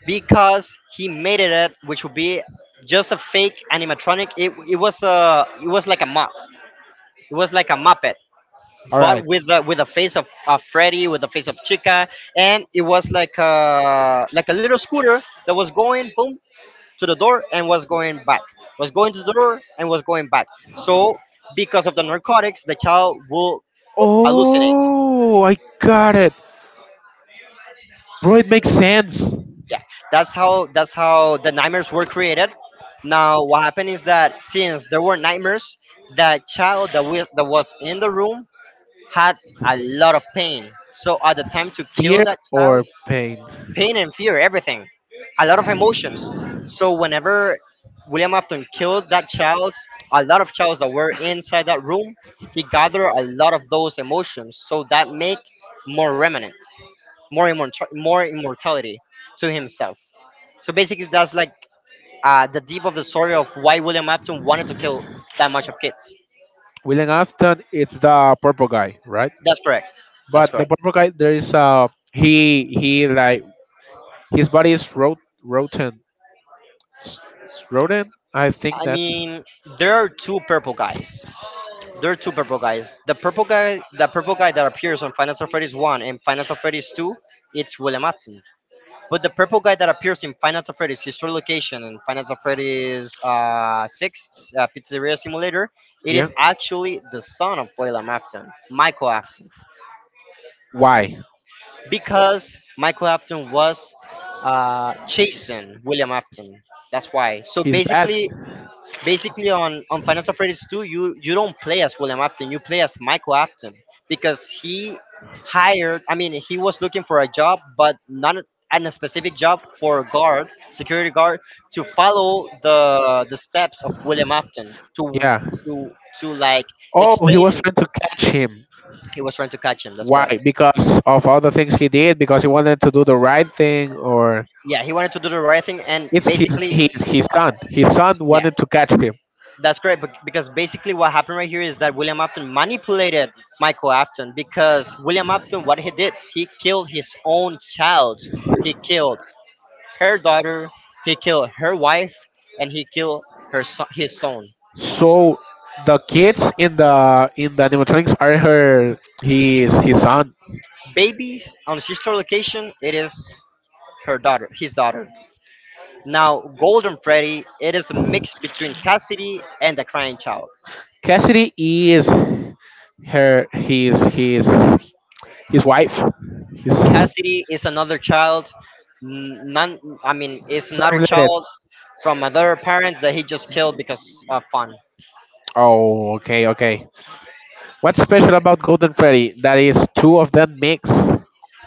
Speaker 2: because he made it up, which would be just a fake animatronic. It was a it was like a mop. It was like a muppet,
Speaker 1: All
Speaker 2: but
Speaker 1: right.
Speaker 2: with a face of Freddy, with the face of Chica, and it was like a little scooter that was going boom to the door and was going back, was going to the door and was going back. So because of the narcotics, the child will hallucinate.
Speaker 1: Oh, I got it, bro. It makes sense.
Speaker 2: Yeah, that's how the nightmares were created. Now what happened is that since there were nightmares, that child that, we, that was in the room had a lot of pain, so at the time to
Speaker 1: Fear
Speaker 2: kill that
Speaker 1: or
Speaker 2: child,
Speaker 1: pain.
Speaker 2: pain and fear, everything, a lot of emotions. So whenever William Afton killed that child, a lot of childs that were inside that room, he gathered a lot of those emotions, so that made more remnant, more immortal, more immortality to himself. So basically, that's like the deep of the story of why William Afton wanted to kill that much of kids.
Speaker 1: William Afton, it's the purple guy, right?
Speaker 2: That's correct. That's
Speaker 1: But the
Speaker 2: correct.
Speaker 1: purple guy, there is he like his body is rotten, S- rotten. I think
Speaker 2: I
Speaker 1: that's,
Speaker 2: mean, there are two purple guys. There are two purple guys. The purple guy that appears on Final Fantasy Freddy's one and Final Fantasy Freddy's two, it's William Afton. But the purple guy that appears in Finance of Freddy's, his true location in Finance of Freddy's 6, Pizzeria Simulator, it
Speaker 1: yeah.
Speaker 2: is actually the son of William Afton, Michael Afton.
Speaker 1: Why?
Speaker 2: Because Michael Afton was chasing William Afton. That's why. So
Speaker 1: He's dead.
Speaker 2: basically, basically on Final Freddy's 2, you don't play as William Afton, you play as Michael Afton, because he hired, I mean, he was looking for a job, but not a- and a specific job for a guard security guard to follow the steps of William Afton to
Speaker 1: Yeah.
Speaker 2: to like
Speaker 1: Oh, he
Speaker 2: explain
Speaker 1: was trying to
Speaker 2: himself.
Speaker 1: catch him.
Speaker 2: He was trying to catch him, that's
Speaker 1: Why?
Speaker 2: correct.
Speaker 1: Because of all the things he did. Because he wanted to do the right thing, or
Speaker 2: Yeah, he wanted to do the right thing, and
Speaker 1: it's his
Speaker 2: basically,
Speaker 1: his his son. His son
Speaker 2: yeah.
Speaker 1: wanted to catch him.
Speaker 2: That's correct, bec- because basically what happened right here is that William Afton manipulated Michael Afton, because William Afton, what he did, he killed his own child. He killed her daughter, he killed her wife, and he killed her his son.
Speaker 1: So the kids in the animatronics are her his son.
Speaker 2: Baby on sister location, it is her daughter, his daughter. Now, Golden Freddy, it is a mix between Cassidy and the crying child.
Speaker 1: Cassidy is. Her his wife. He's
Speaker 2: Cassidy is another child. None, I mean, is
Speaker 1: not
Speaker 2: another
Speaker 1: related.
Speaker 2: child from another parent that he just killed because of fun.
Speaker 1: Oh, okay, okay. What's special about Golden Freddy that is two of them mix?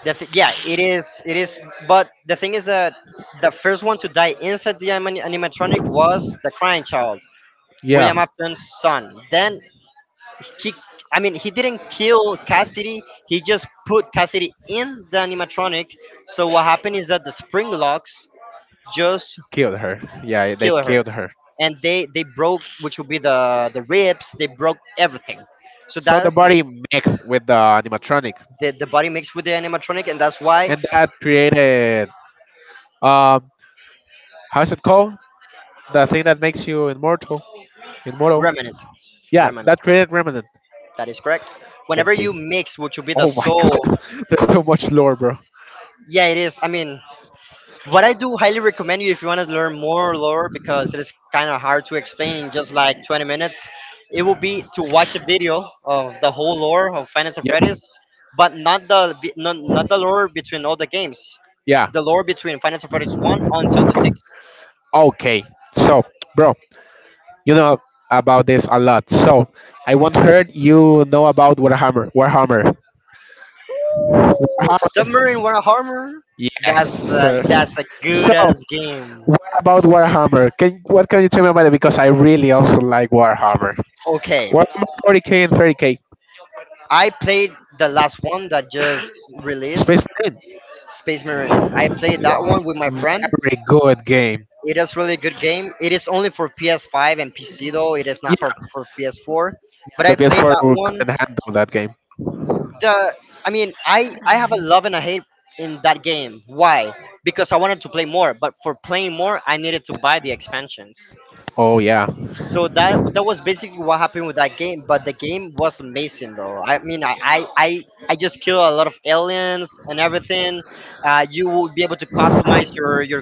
Speaker 2: The th- yeah, it is. It is. But the thing is that the first one to die inside the anim- animatronic was the crying child,
Speaker 1: Yeah
Speaker 2: William Afton's son. Then he, I mean, he didn't kill Cassidy. He just put Cassidy in the animatronic. So what happened is that the spring locks just
Speaker 1: Killed her, yeah, they
Speaker 2: kill her.
Speaker 1: killed her.
Speaker 2: And they broke, which would be the ribs, they broke everything, so
Speaker 1: So the
Speaker 2: that
Speaker 1: body mixed with the animatronic,
Speaker 2: the body mixed with the animatronic, and that's why
Speaker 1: and that created, um how's it called, the thing that makes you immortal, immortal
Speaker 2: remnant,
Speaker 1: yeah,
Speaker 2: remnant,
Speaker 1: that created remnant.
Speaker 2: that is correct, whenever you
Speaker 1: Okay,
Speaker 2: mix which would be the
Speaker 1: oh my god,
Speaker 2: soul.
Speaker 1: there's so much lore, bro.
Speaker 2: Yeah, it is, I mean, what I do highly recommend you, if you want to learn more lore, because it is kind of hard to explain in just like 20 minutes, it will be to watch a video of the whole lore of Finance and
Speaker 1: Yeah,
Speaker 2: Freddy's, but not the lore between all the games,
Speaker 1: yeah.
Speaker 2: the lore between Finance and Freddy's one until the sixth.
Speaker 1: Okay, so, bro, you know about this a lot. So I once heard, you know about Warhammer. Warhammer. Warhammer.
Speaker 2: Submarine Warhammer,
Speaker 1: Yes, sir.
Speaker 2: that's a good
Speaker 1: So
Speaker 2: ass game.
Speaker 1: what about Warhammer? Can you tell me about it? Because I really also like Warhammer.
Speaker 2: Okay,
Speaker 1: Warhammer 40K and 30K.
Speaker 2: I played the last one that just released,
Speaker 1: Space Marine.
Speaker 2: Space Marine. I played that
Speaker 1: Wow.
Speaker 2: one with my friend.
Speaker 1: Very good game.
Speaker 2: It is really good game. It is only for PS5 and PC though. It is
Speaker 1: You
Speaker 2: not for PS4.
Speaker 1: know,
Speaker 2: But I
Speaker 1: the
Speaker 2: played
Speaker 1: PS4
Speaker 2: that one.
Speaker 1: couldn't handle that game.
Speaker 2: The I mean, I have a love and a hate in that game. Why? Because I wanted to play more, but for playing more, I needed to buy the expansions.
Speaker 1: Oh yeah.
Speaker 2: So that was basically what happened with that game. But the game was amazing though. I mean, I just killed a lot of aliens and everything. You will be able to customize your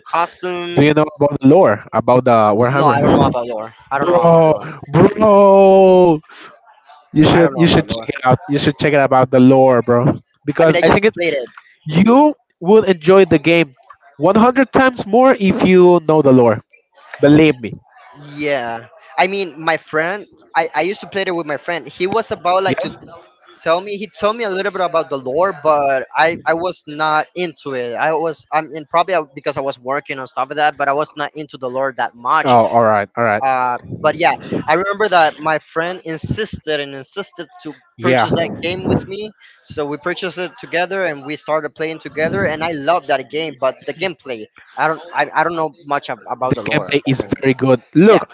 Speaker 1: Do
Speaker 2: costume.
Speaker 1: you know about the lore about the
Speaker 2: No,
Speaker 1: Warhammer?
Speaker 2: I don't know about lore. I don't know about
Speaker 1: Bro,
Speaker 2: lore.
Speaker 1: bro. You
Speaker 2: I
Speaker 1: should
Speaker 2: don't know
Speaker 1: you
Speaker 2: about
Speaker 1: should
Speaker 2: lore.
Speaker 1: check it out. You should check it about the lore, bro.
Speaker 2: I mean,
Speaker 1: Because
Speaker 2: I
Speaker 1: I
Speaker 2: just
Speaker 1: think it
Speaker 2: played it.
Speaker 1: you will enjoy the game 100 times more if you know the lore. Believe me.
Speaker 2: Yeah. I mean, my friend, I used to play it with my friend. He was about like
Speaker 1: Yeah.
Speaker 2: to tell me, he told me a little bit about the lore, but I was not into it. I was, I mean, probably I- because I was working and stuff like that, but I was not into the lore that much.
Speaker 1: Oh, all right, all right.
Speaker 2: But yeah, I remember that my friend insisted and insisted to
Speaker 1: Yeah,
Speaker 2: purchase that game with me. So we purchased it together and we started playing together. And I love that game, but the gameplay, I don't know much ab- about
Speaker 1: the
Speaker 2: the lore of
Speaker 1: gameplay
Speaker 2: that
Speaker 1: is
Speaker 2: game.
Speaker 1: very good.
Speaker 2: Yeah,
Speaker 1: Look,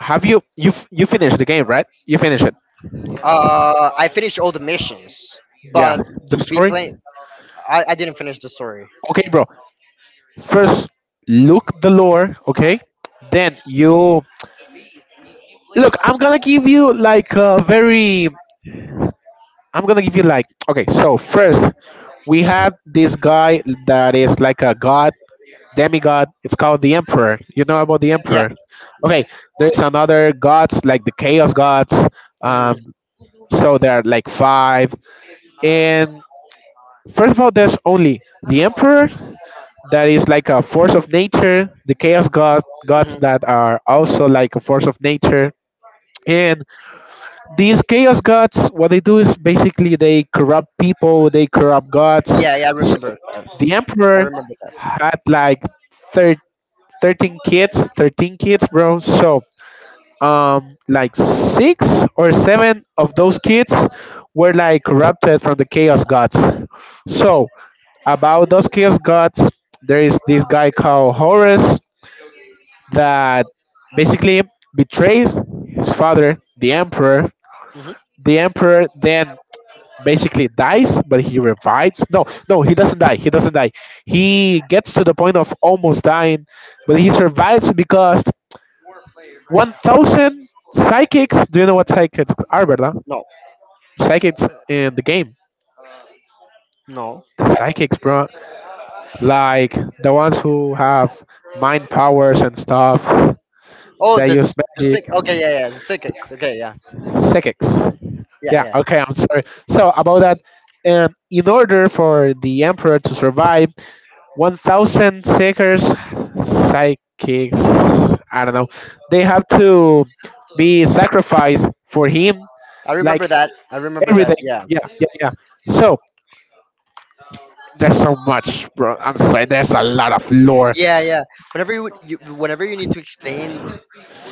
Speaker 1: have you finished the game, right? You finished it.
Speaker 2: I finished all the missions,
Speaker 1: Yeah.
Speaker 2: but
Speaker 1: The
Speaker 2: to be
Speaker 1: story.
Speaker 2: playing, I didn't finish the story.
Speaker 1: Okay, bro. First, look the lore. Okay. Then you look. I'm gonna give you like a very. I'm gonna give you like. Okay. So first, we have this guy that is like a god, demigod. It's called the Emperor. You know about the
Speaker 2: Yeah,
Speaker 1: Emperor.
Speaker 2: yeah.
Speaker 1: Okay, there's another gods like the Chaos Gods.
Speaker 2: Hmm.
Speaker 1: Um, so there are like five. And first of all, there's only the Emperor, that is like a force of nature. The Chaos God gods
Speaker 2: Hmm.
Speaker 1: that are also like a force of nature. And these chaos gods, what they do is basically they corrupt people, they corrupt gods.
Speaker 2: Yeah, yeah, I remember that.
Speaker 1: The
Speaker 2: I
Speaker 1: emperor
Speaker 2: remember that.
Speaker 1: had like thir- 13 kids, 13 kids, bro. So, like six or seven of those kids were like corrupted from the chaos gods. So, about those chaos gods, there is this guy called Horus that basically betrays his father, the emperor.
Speaker 2: Hmm.
Speaker 1: The emperor then basically dies, but he revives. No, no, he doesn't die. He doesn't die. He gets to the point of almost dying, but he survives because 1,000 psychics. Do you know what psychics are, Berta?
Speaker 2: No,
Speaker 1: Psychics in the game.
Speaker 2: no.
Speaker 1: The psychics, bro. Like the ones who have mind powers and stuff.
Speaker 2: Oh,
Speaker 1: They
Speaker 2: the
Speaker 1: use
Speaker 2: s- the
Speaker 1: magic.
Speaker 2: sick. Okay, yeah, yeah, the six. Okay, yeah,
Speaker 1: Psychics.
Speaker 2: yeah,
Speaker 1: Yeah,
Speaker 2: yeah.
Speaker 1: okay, I'm sorry. So, about that. In order for the emperor to survive, 1,000 seekers, psychics, I don't know, they have to be sacrificed for him,
Speaker 2: I
Speaker 1: like
Speaker 2: remember that. I remember
Speaker 1: every
Speaker 2: that.
Speaker 1: day.
Speaker 2: Yeah,
Speaker 1: Yeah, yeah, yeah. So there's so much, bro, I'm sorry, there's a lot of lore.
Speaker 2: yeah, yeah. Whenever you whenever you need to explain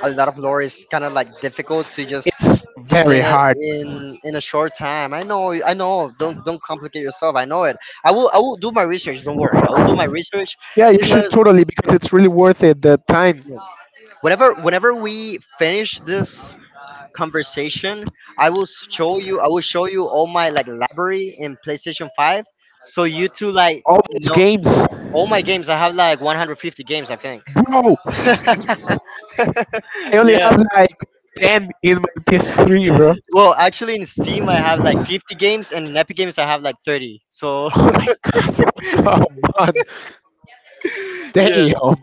Speaker 2: a lot of lore, it's kind of like difficult to just
Speaker 1: It's very
Speaker 2: explain it
Speaker 1: hard.
Speaker 2: in a short time. I know, I know. Don't complicate yourself. I know it. I will do my research. Don't worry. I will do my research,
Speaker 1: Yeah, you should
Speaker 2: cause
Speaker 1: totally, because it's really worth it the time.
Speaker 2: whenever we finish this conversation, I will show you. I will show you all my like library in PlayStation Five, so you two like
Speaker 1: All those
Speaker 2: know
Speaker 1: games,
Speaker 2: all my games. I have like 150 games, I think.
Speaker 1: bro. I only
Speaker 2: Yeah.
Speaker 1: have like 10 in my PS3, bro.
Speaker 2: Well, actually, in Steam I have like 50 games, and in Epic Games I have like 30. So
Speaker 1: Oh my god, come on.
Speaker 2: yeah,
Speaker 1: Damn.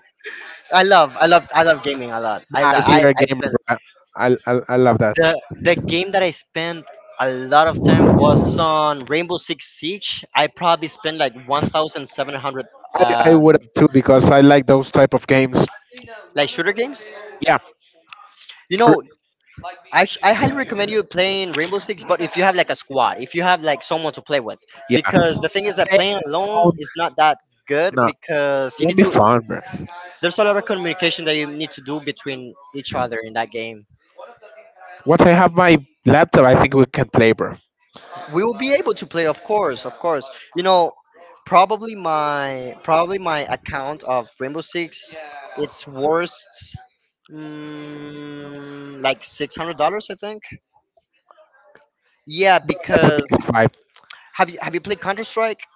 Speaker 2: I love gaming a lot. I lo-
Speaker 1: I see you're a
Speaker 2: I
Speaker 1: gamer,
Speaker 2: spend
Speaker 1: bro. I love that.
Speaker 2: the game that I spent a lot of time was on Rainbow Six Siege. I probably spent like 1,700
Speaker 1: I
Speaker 2: um
Speaker 1: would have too because I like those type of games.
Speaker 2: like shooter games?
Speaker 1: Yeah,
Speaker 2: You
Speaker 1: r-
Speaker 2: know, I highly recommend you playing Rainbow Six, but if you have like a squad, if you have like someone to play with,
Speaker 1: yeah.
Speaker 2: because the thing is that playing
Speaker 1: Playing on
Speaker 2: alone is not that good
Speaker 1: No,
Speaker 2: because you
Speaker 1: won't
Speaker 2: need
Speaker 1: be
Speaker 2: to.
Speaker 1: fun, bro.
Speaker 2: There's a lot of communication that you need to do between each other in that game.
Speaker 1: Once I have my laptop, I think we can play, bro.
Speaker 2: We will be able to play, of course, of course. You know, probably my account of Rainbow Six, it's worth like $600, I think. Yeah,
Speaker 1: That's a
Speaker 2: because
Speaker 1: PS5.
Speaker 2: have you played Counter Strike?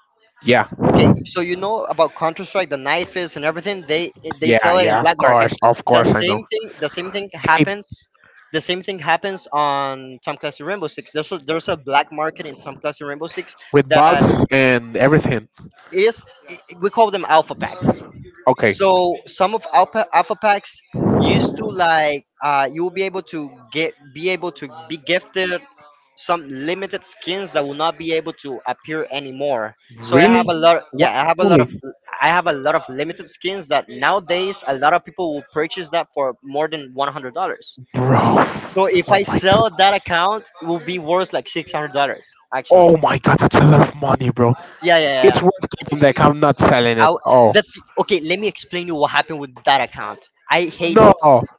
Speaker 1: Yeah,
Speaker 2: Okay, so you know about Counter Strike, the knife is and everything. They
Speaker 1: yeah,
Speaker 2: sell it in
Speaker 1: yeah.
Speaker 2: black market.
Speaker 1: Of
Speaker 2: The
Speaker 1: course, I
Speaker 2: same
Speaker 1: know.
Speaker 2: thing. The same thing
Speaker 1: Game
Speaker 2: happens. The same thing happens on Tom Clancy Rainbow Six. There's there's a black market in Tom Clancy Rainbow Six
Speaker 1: with
Speaker 2: that
Speaker 1: bugs and everything.
Speaker 2: it is. We call them alpha packs.
Speaker 1: Okay,
Speaker 2: So some of alpha packs used to like you will be able to get be able to be gifted some limited skins that will not be able to appear anymore. So I have
Speaker 1: really?
Speaker 2: a lot,
Speaker 1: What
Speaker 2: yeah, I have a lot
Speaker 1: only,
Speaker 2: of, I have a lot of limited skins that nowadays a lot of people will purchase that for more than $100.
Speaker 1: bro?
Speaker 2: So if
Speaker 1: Oh
Speaker 2: I
Speaker 1: my god.
Speaker 2: sell that account, it will be worth like $600 actually.
Speaker 1: Oh my god, that's a lot of money, bro.
Speaker 2: Yeah, yeah, yeah.
Speaker 1: It's worth keeping the account, not selling it.
Speaker 2: I.
Speaker 1: Oh.
Speaker 2: The okay, let me explain you what happened with that account. I hate.
Speaker 1: No,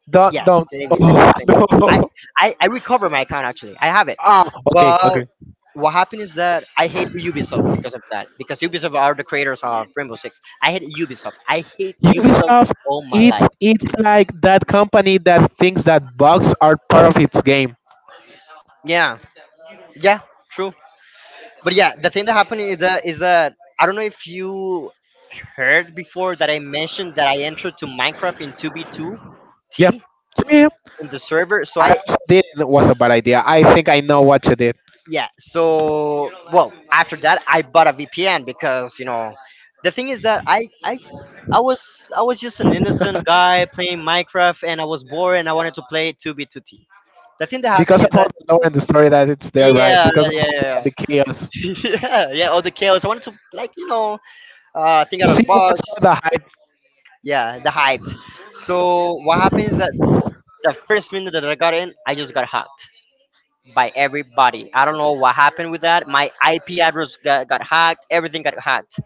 Speaker 1: don't,
Speaker 2: Yeah,
Speaker 1: don't.
Speaker 2: let me
Speaker 1: Oh,
Speaker 2: explain. I
Speaker 1: no.
Speaker 2: I recover my account actually. I have it,
Speaker 1: Ah, okay,
Speaker 2: but
Speaker 1: okay.
Speaker 2: what happened is that I hate Ubisoft because of that. Because Ubisoft are the creators of Rainbow Six. I hate Ubisoft. I hate Ubisoft with
Speaker 1: Ubisoft,
Speaker 2: all my
Speaker 1: it's
Speaker 2: life.
Speaker 1: it's like that company that thinks that bugs are part of its game.
Speaker 2: Yeah, yeah, true. But yeah, the thing that happened is that I don't know if you heard before that I mentioned that I entered to Minecraft in 2v2t
Speaker 1: Yeah, yeah, yeah.
Speaker 2: in the server. So
Speaker 1: I
Speaker 2: I
Speaker 1: also did, it was a bad idea. I think I know what you did.
Speaker 2: yeah so well after that I bought a VPN because the thing is that I was just an innocent guy playing Minecraft and I was bored and I wanted to play 2b2t. The thing that
Speaker 1: Because
Speaker 2: happened is
Speaker 1: of all
Speaker 2: that
Speaker 1: the lore and the story that it's there, right?
Speaker 2: yeah
Speaker 1: Because
Speaker 2: yeah
Speaker 1: of
Speaker 2: yeah
Speaker 1: all
Speaker 2: yeah
Speaker 1: the chaos.
Speaker 2: yeah, all the chaos I wanted to, like, think out of
Speaker 1: See
Speaker 2: the
Speaker 1: what's
Speaker 2: box.
Speaker 1: all the hype,
Speaker 2: Yeah, the hype. So what happened is that the first minute that I got in I just got hacked by everybody. I don't know what happened with that. My IP address got hacked, everything got hacked.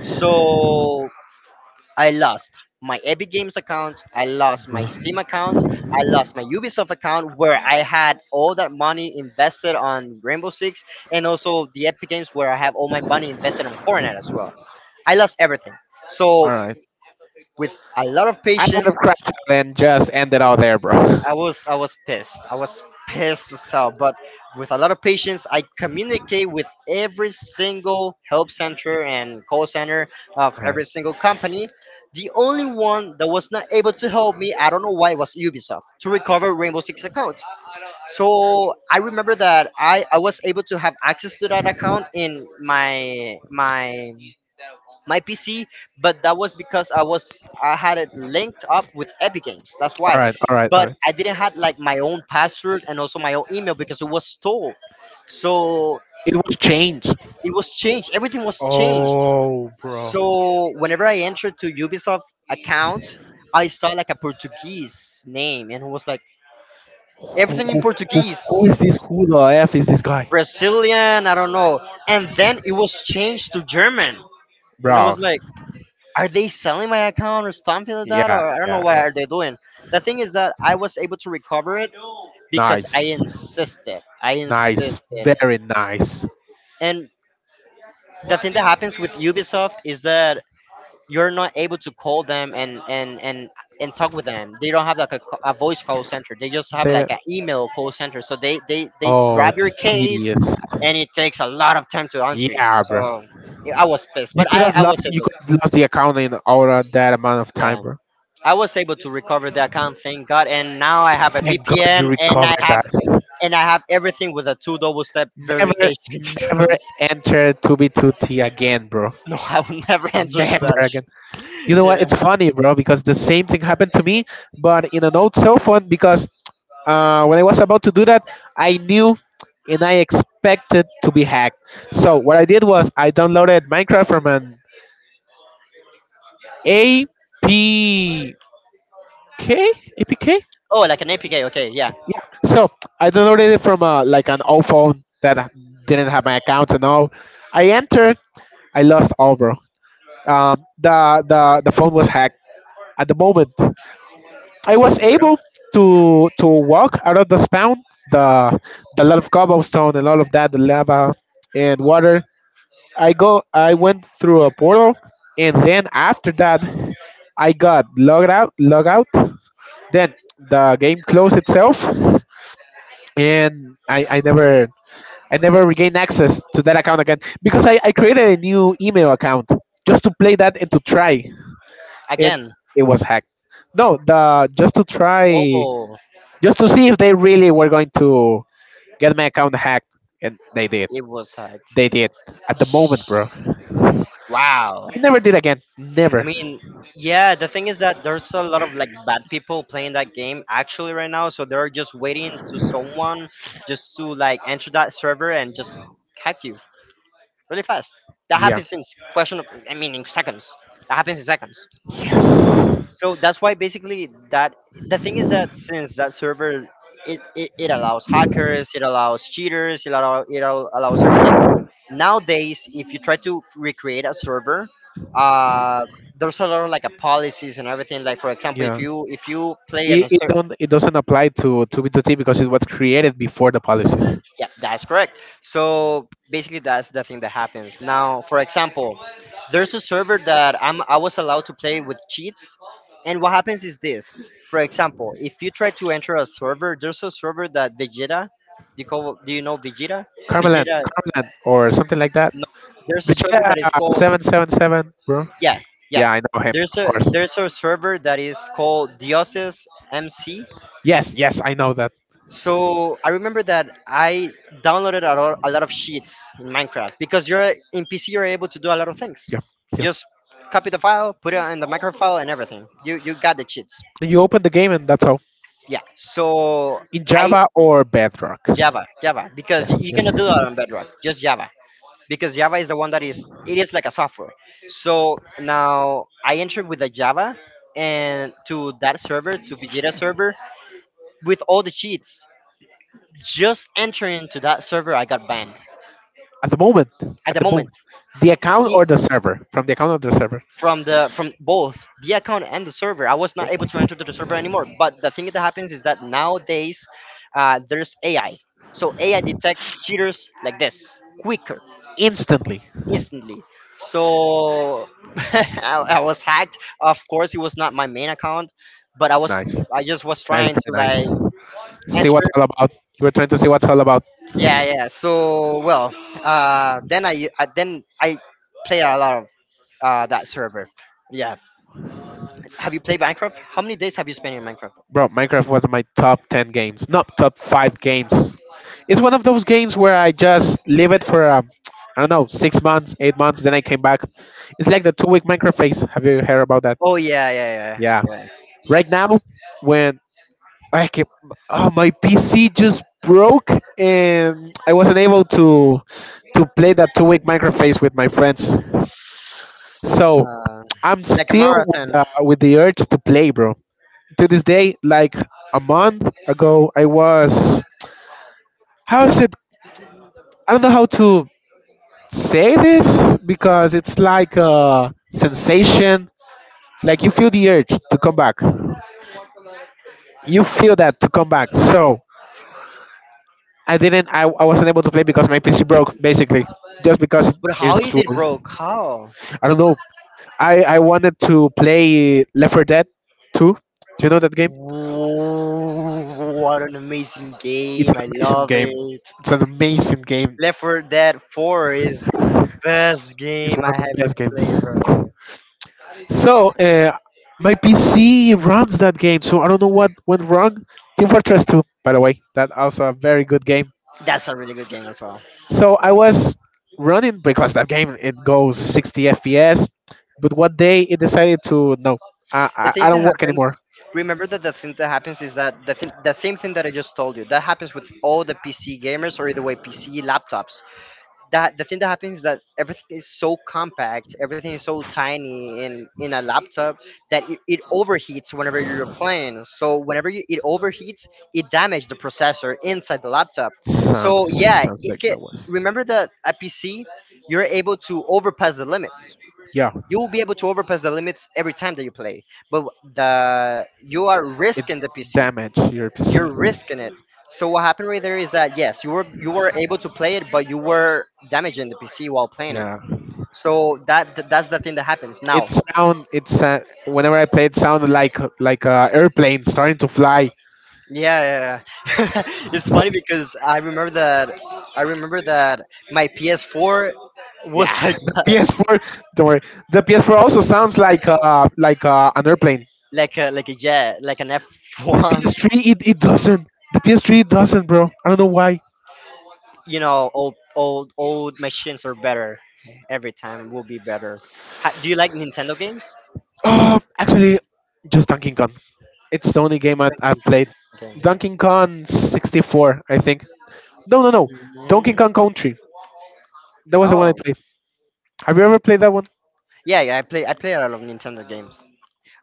Speaker 2: So I lost my Epic Games account, I lost my Steam
Speaker 1: bro.
Speaker 2: account, I lost my Ubisoft account where I had all that money invested on Rainbow Six, and also the Epic Games where I have all my money invested on Fortnite as well. I lost everything.
Speaker 1: All
Speaker 2: So,
Speaker 1: right,
Speaker 2: with a lot of
Speaker 1: I would have
Speaker 2: patience,
Speaker 1: crashed out and just ended out there, bro. All
Speaker 2: I was pissed. I was pissed as hell. But with a lot of patience, I communicate with every single help center and call center of
Speaker 1: right,
Speaker 2: every single company. The only one that was not able to help me, I don't know why, was Ubisoft, to recover Rainbow Six account. So I remember that I was able to have access to that account in my PC, but that was because I had it linked up with Epic Games. That's
Speaker 1: all
Speaker 2: why.
Speaker 1: right, all right, all
Speaker 2: But
Speaker 1: right.
Speaker 2: I didn't had like my own password and also my own email because it was stolen. So
Speaker 1: It was change.
Speaker 2: it was changed. Everything was changed.
Speaker 1: Oh, bro.
Speaker 2: So whenever I entered to Ubisoft account, I saw like a Portuguese name and it was like
Speaker 1: who
Speaker 2: everything in
Speaker 1: who who
Speaker 2: Portuguese,
Speaker 1: is this? Who the f is this guy,
Speaker 2: Brazilian, I don't know. And then it was changed to German. And it
Speaker 1: bro?
Speaker 2: was like, are they selling my account or something like that,
Speaker 1: Yeah,
Speaker 2: or I don't know
Speaker 1: yeah,
Speaker 2: why
Speaker 1: yeah.
Speaker 2: are they doing. The thing is that I was able to recover it because i
Speaker 1: Nice,
Speaker 2: insisted i
Speaker 1: nice,
Speaker 2: insisted.
Speaker 1: very nice.
Speaker 2: And the thing that happens with Ubisoft is that you're not able to call them, and talk with them. They don't have like a, a voice call center, they just have
Speaker 1: There.
Speaker 2: like an email call center. So they
Speaker 1: Oh,
Speaker 2: grab your
Speaker 1: it's
Speaker 2: case
Speaker 1: tedious.
Speaker 2: and it takes a lot of time to answer you.
Speaker 1: Yeah, bro.
Speaker 2: So yeah, I was pissed
Speaker 1: You
Speaker 2: but
Speaker 1: could
Speaker 2: i
Speaker 1: have
Speaker 2: i was
Speaker 1: lost. You
Speaker 2: able.
Speaker 1: could have lost the account in over that amount of time,
Speaker 2: Yeah,
Speaker 1: bro.
Speaker 2: I was able to recover the account, thank God, and now I have a
Speaker 1: Thank God you
Speaker 2: VPN and I
Speaker 1: recovered
Speaker 2: have
Speaker 1: that.
Speaker 2: everything with a two double step
Speaker 1: Never,
Speaker 2: verification
Speaker 1: never
Speaker 2: because
Speaker 1: enter 2B2T again, bro.
Speaker 2: no, I will never enter to
Speaker 1: Never
Speaker 2: that.
Speaker 1: again. You know
Speaker 2: Yeah.
Speaker 1: what? It's funny, bro, because the same thing happened to me, but in an old cell phone, because, when I was about to do that, I knew and I expected to be hacked. So what I did was I downloaded Minecraft from an APK, APK.
Speaker 2: Oh, like an APK. Okay, yeah.
Speaker 1: Yeah. So I downloaded it from like an old phone that didn't have my account and all. I entered. I lost all, bro. The phone was hacked. At the moment, I was
Speaker 2: For real?
Speaker 1: able to walk out of the spawn, the the lot of cobblestone and all of that, the lava and water. I went through a portal, and then after that I got logged out. Then the game closed itself, and I never regained access to that account again, because I created a new email account just to play that and to try, and
Speaker 2: Again.
Speaker 1: it was hacked. No, the just to try
Speaker 2: Oh,
Speaker 1: just to see if they really were going to get my account hacked, and they did.
Speaker 2: it was hacked.
Speaker 1: They did. At the moment, bro. I
Speaker 2: Wow.
Speaker 1: never did again.
Speaker 2: I
Speaker 1: Never.
Speaker 2: mean, yeah, the thing is that there's a lot of like bad people playing that game actually right now, so they're just waiting to someone just to like enter that server and just hack you, really fast. That
Speaker 1: Yeah.
Speaker 2: happens in question of, I mean, in seconds. That happens in seconds.
Speaker 1: Yes.
Speaker 2: So that's why basically that the thing is that since that server it allows hackers, it allows cheaters, it allows everything. Nowadays, if you try to recreate a server, uh, there's a lot of like a policies and everything. Like, for example,
Speaker 1: Yeah.
Speaker 2: if you play on
Speaker 1: It,
Speaker 2: a
Speaker 1: it don't it doesn't apply to B2T because it was created before the policies.
Speaker 2: Yeah, that's correct. So basically, that's the thing that happens. Now, for example, there's a server that I was allowed to play with cheats, and what happens is this. For example, if you try to enter a server, there's a server that Vegeta. Do you, do you know Vegeta? Vegeta.
Speaker 1: Carmelan, or something like that.
Speaker 2: No, there's a server
Speaker 1: Vegeta
Speaker 2: that is called
Speaker 1: 777, bro.
Speaker 2: yeah yeah.
Speaker 1: Yeah, I know him,
Speaker 2: There's
Speaker 1: of
Speaker 2: a
Speaker 1: course.
Speaker 2: server that is called Dioses MC.
Speaker 1: Yes, yes, I know that.
Speaker 2: So I remember that I downloaded a lot of sheets in Minecraft because you're in PC, you're able to do a lot of things.
Speaker 1: Yeah, yeah.
Speaker 2: Just copy the file, put it in the micro file, and everything. You got the cheats.
Speaker 1: And you open the game and that's all.
Speaker 2: Yeah. So
Speaker 1: In
Speaker 2: I
Speaker 1: Java or Bedrock.
Speaker 2: Java because
Speaker 1: Yes,
Speaker 2: you
Speaker 1: yes.
Speaker 2: cannot do that on Bedrock. Just Java because Java is the one that is it is like a software. So now I entered with the Java and to that server, to Vegeta server, with all the cheats. Just entering to that server, I got banned
Speaker 1: At the moment,
Speaker 2: at
Speaker 1: at
Speaker 2: the
Speaker 1: the
Speaker 2: moment.
Speaker 1: moment, the account
Speaker 2: i-
Speaker 1: or the server. From the account or the server.
Speaker 2: from the from both the account and the server, I was not
Speaker 1: Oh
Speaker 2: able
Speaker 1: my
Speaker 2: to
Speaker 1: god!
Speaker 2: enter to the server anymore. But the thing that happens is that nowadays, there's AI, so AI detects cheaters like this quicker,
Speaker 1: Instantly.
Speaker 2: instantly. So I was hacked, of course. It was not my main account, but I was.
Speaker 1: Nice,
Speaker 2: I just was
Speaker 1: nice,
Speaker 2: trying
Speaker 1: very
Speaker 2: to
Speaker 1: nice.
Speaker 2: like
Speaker 1: See what's
Speaker 2: enter.
Speaker 1: all about. You were trying to see what's all about.
Speaker 2: yeah yeah so well then I play a lot of, that server. Yeah. Have you played Minecraft? How many days have you spent in Minecraft?
Speaker 1: Bro, Minecraft was my top 10 games, not top 5 games. It's one of those games where I just leave it for, I don't know, 6 months, 8 months, then I came back. It's like the 2-week Minecraft phase. Have you heard about that?
Speaker 2: Oh yeah, yeah,
Speaker 1: Yeah.
Speaker 2: yeah,
Speaker 1: Right now, when I came, oh, my PC just broke and I wasn't able to play that 2-week Minecraft phase with my friends.
Speaker 2: yeah.
Speaker 1: So I'm
Speaker 2: Like a
Speaker 1: still with
Speaker 2: marathon.
Speaker 1: the urge to play, bro. To this day, like a month ago, I was, how is it? I don't know how to say this because it's like a sensation, like you feel the urge to come back, you feel that to come back. So I didn't I wasn't able to play because my PC broke basically, just because
Speaker 2: But how
Speaker 1: it's
Speaker 2: you
Speaker 1: too
Speaker 2: did
Speaker 1: old.
Speaker 2: broke? How?
Speaker 1: I don't know. I wanted to play Left 4 Dead 2. Do you know that game?
Speaker 2: Whoa, what an amazing
Speaker 1: It's
Speaker 2: game!
Speaker 1: an
Speaker 2: I
Speaker 1: amazing
Speaker 2: love
Speaker 1: game.
Speaker 2: it.
Speaker 1: It's an amazing game.
Speaker 2: Left 4 Dead 4 is best
Speaker 1: It's
Speaker 2: game
Speaker 1: one of
Speaker 2: I
Speaker 1: the
Speaker 2: have ever
Speaker 1: best games.
Speaker 2: played, bro.
Speaker 1: So my PC runs that game, so I don't know what went wrong. Team Fortress 2, by the way, that also a very good game.
Speaker 2: That's a really good game as well.
Speaker 1: So I was running because that game it goes 60 FPS, but one day it decided to no, I
Speaker 2: The
Speaker 1: I,
Speaker 2: thing
Speaker 1: I
Speaker 2: that
Speaker 1: don't work
Speaker 2: happens,
Speaker 1: anymore.
Speaker 2: remember that the thing that happens is that the same thing that I just told you that happens with all the PC gamers, or either way PC laptops. That The thing that happens is that everything is so compact, everything is so tiny in a laptop, that it overheats whenever you're playing. So whenever you, it overheats, it damages the processor inside the laptop. So
Speaker 1: Sounds
Speaker 2: yeah,
Speaker 1: sounds
Speaker 2: it
Speaker 1: like
Speaker 2: can.
Speaker 1: that was.
Speaker 2: Remember that at PC, you're able to overpass the limits.
Speaker 1: Yeah.
Speaker 2: You will be able to overpass the limits every time that you play, but the you are
Speaker 1: It
Speaker 2: risking the PC,
Speaker 1: damaged your PC.
Speaker 2: you're risking it. So what happened right there is that yes, you were able to play it, but you were damaging the PC while playing it.
Speaker 1: Yeah,
Speaker 2: So that that's the thing that happens
Speaker 1: it
Speaker 2: now.
Speaker 1: sound it whenever I play it sounded like a airplane starting to fly.
Speaker 2: Yeah, yeah, yeah. It's funny because I remember that I remember that my PS4
Speaker 1: Yeah,
Speaker 2: was like
Speaker 1: the
Speaker 2: that,
Speaker 1: PS4. Don't worry. The PS4 also sounds like an airplane.
Speaker 2: like a jet, like an
Speaker 1: The
Speaker 2: F1.
Speaker 1: PS3 it doesn't. The PS3 it doesn't, bro. I don't know why.
Speaker 2: You know, old machines are better. Every time will be better. Do you like Nintendo games?
Speaker 1: Oh, actually, just Donkey Kong. It's the only game I've played.
Speaker 2: Okay.
Speaker 1: Donkey Kong 64, I think. No, no, no. Donkey
Speaker 2: Mm.
Speaker 1: Kong Country. That was the one I
Speaker 2: Oh,
Speaker 1: played. Have you ever played that one?
Speaker 2: yeah, yeah, I play a lot of Nintendo games.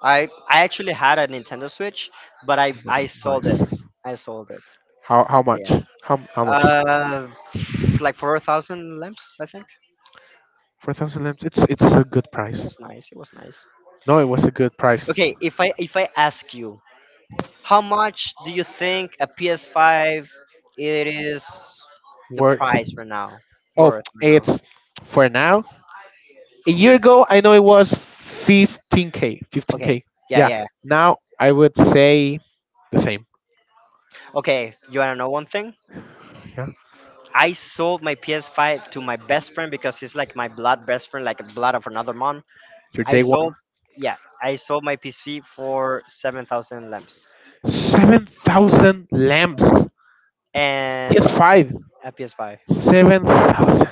Speaker 2: I actually had a Nintendo Switch, but
Speaker 1: Oh my
Speaker 2: I
Speaker 1: god,
Speaker 2: sold it.
Speaker 1: nice.
Speaker 2: I sold it.
Speaker 1: How much?
Speaker 2: Yeah.
Speaker 1: How much?
Speaker 2: Uh, like 4,000 lamps, I think.
Speaker 1: 4,000 lamps. It's a good
Speaker 2: It
Speaker 1: price.
Speaker 2: was nice. It was nice.
Speaker 1: No, it was a good price.
Speaker 2: Okay, if I ask you, how much do you think a PS5 it is the
Speaker 1: Worth.
Speaker 2: price right now
Speaker 1: Oh,
Speaker 2: worth right now?
Speaker 1: it's for now. A year ago, I know it was 15K.
Speaker 2: Okay.
Speaker 1: 15K.
Speaker 2: Yeah,
Speaker 1: Yeah.
Speaker 2: yeah.
Speaker 1: Now I would say the same.
Speaker 2: Okay, you want to know one thing?
Speaker 1: Yeah.
Speaker 2: I sold my PS5 to my best friend because he's like my blood best friend, like a blood of another mom.
Speaker 1: Your
Speaker 2: I
Speaker 1: day
Speaker 2: sold,
Speaker 1: one.
Speaker 2: yeah, I sold my PS5 for 7,000 lamps
Speaker 1: 7,000 lamps.
Speaker 2: and
Speaker 1: PS5.
Speaker 2: a PS5.
Speaker 1: 7,000.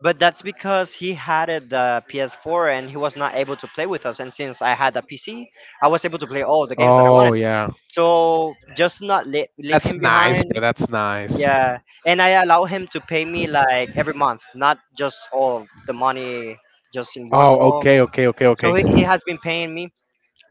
Speaker 2: But that's because he had it, the PS4, and he was not able to play with us. And since I had a PC, I was able to play all the games that I
Speaker 1: Oh,
Speaker 2: wanted.
Speaker 1: yeah.
Speaker 2: So just not leave
Speaker 1: That's
Speaker 2: him
Speaker 1: nice,
Speaker 2: behind.
Speaker 1: bro. That's nice.
Speaker 2: Yeah, and I allow him to pay me like every month, not just all of the money just in one
Speaker 1: Oh,
Speaker 2: roll.
Speaker 1: okay, okay, okay,
Speaker 2: So
Speaker 1: okay.
Speaker 2: he has been paying me.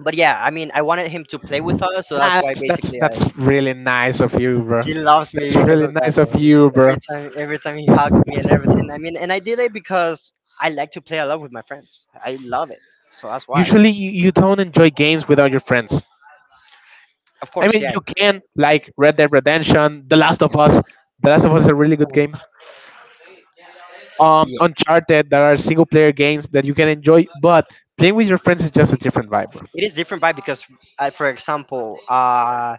Speaker 2: But yeah, I mean, I wanted him to play with us, so that's
Speaker 1: Nah,
Speaker 2: why
Speaker 1: that's that's
Speaker 2: basically I
Speaker 1: that's really nice of you, bro.
Speaker 2: he loves
Speaker 1: That's
Speaker 2: me because
Speaker 1: really
Speaker 2: of that
Speaker 1: nice of
Speaker 2: though.
Speaker 1: you, bro.
Speaker 2: Every time he hugs me and everything. I mean, and I did it because I like to play a lot with my friends. I love it. So that's why.
Speaker 1: Usually, you don't enjoy games without your friends.
Speaker 2: Of
Speaker 1: I
Speaker 2: course,
Speaker 1: mean,
Speaker 2: yeah.
Speaker 1: you can like Red Dead Redemption, The Last of Us. The Last of Us is a really good
Speaker 2: Mhm.
Speaker 1: game.
Speaker 2: Yeah.
Speaker 1: Uncharted, there are single player games that you can enjoy, but playing with your friends is just a different vibe, bro.
Speaker 2: It is different vibe because, for example,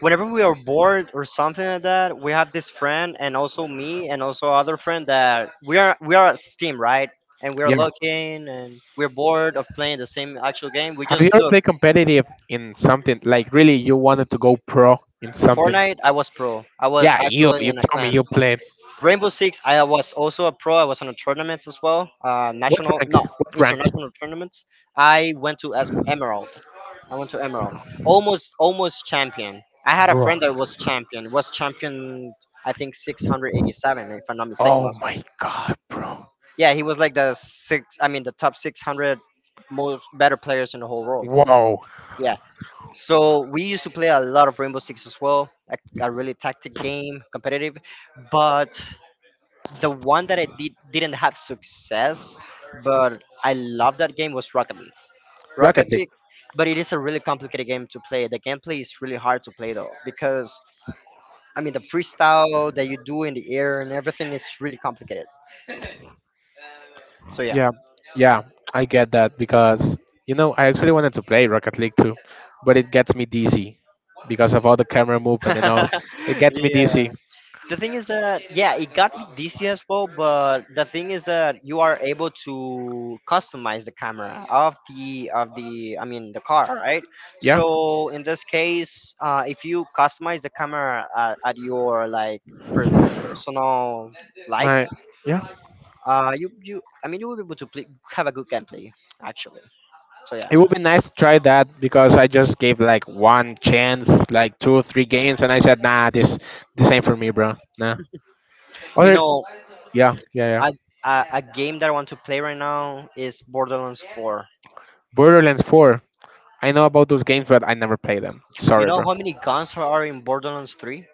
Speaker 2: whenever we are bored or something like that, we have this friend and also me and also other friend that we are a team, right? And we're
Speaker 1: Yeah.
Speaker 2: looking and we're bored of playing the same actual game. We
Speaker 1: Have you
Speaker 2: just
Speaker 1: ever
Speaker 2: look.
Speaker 1: played competitive in something like really you wanted to go pro in something?
Speaker 2: Fortnite. I was pro. I was
Speaker 1: Yeah, you
Speaker 2: actually
Speaker 1: you
Speaker 2: in a
Speaker 1: told me you
Speaker 2: clan.
Speaker 1: played.
Speaker 2: Rainbow Six, I was also a pro. I was on a tournaments as well,
Speaker 1: What
Speaker 2: national,
Speaker 1: rank?
Speaker 2: no,
Speaker 1: What rank,
Speaker 2: international tournaments. I went to Emerald. I went to Emerald. Almost champion. I had a
Speaker 1: bro?
Speaker 2: friend that was champion. Was champion, I think 687, if I'm not mistaken
Speaker 1: Oh
Speaker 2: myself.
Speaker 1: my god, bro!
Speaker 2: Yeah, he was like the six. I mean, the top 600 most better players in the whole world.
Speaker 1: Wow,
Speaker 2: Yeah. So we used to play a lot of Rainbow Six as well, like a really tactic game, competitive. But the one that I did didn't have success, but I love that game, was Rocket League.
Speaker 1: Rocket
Speaker 2: Rocket League, but it is a really complicated game to play. The gameplay is really hard to play though, because I mean the freestyle that you do in the air and everything is really complicated. So yeah,
Speaker 1: yeah, yeah, I get that because I actually wanted to play Rocket League too, but it gets me dizzy because of all the camera movement and all. It gets me
Speaker 2: yeah,
Speaker 1: dizzy.
Speaker 2: the thing is that yeah it got me dc as well, but the thing is that you are able to customize the camera of the I mean the car, right?
Speaker 1: Yeah,
Speaker 2: So in this case, if you customize the camera at your, like, per- personal, like,
Speaker 1: my yeah.
Speaker 2: you I mean you will be able to play, have a good gameplay actually, so yeah.
Speaker 1: It would be nice to try that because I just gave like one chance, like two or three games, and I said, nah, this ain't for me, bro. Nah.
Speaker 2: you
Speaker 1: Other
Speaker 2: know
Speaker 1: yeah, yeah, yeah.
Speaker 2: a, a game that I want to play right now is Borderlands 4.
Speaker 1: Borderlands 4. I know about those games, but I never play them.
Speaker 2: You
Speaker 1: Sorry,
Speaker 2: know
Speaker 1: bro.
Speaker 2: how many guns are in Borderlands 3?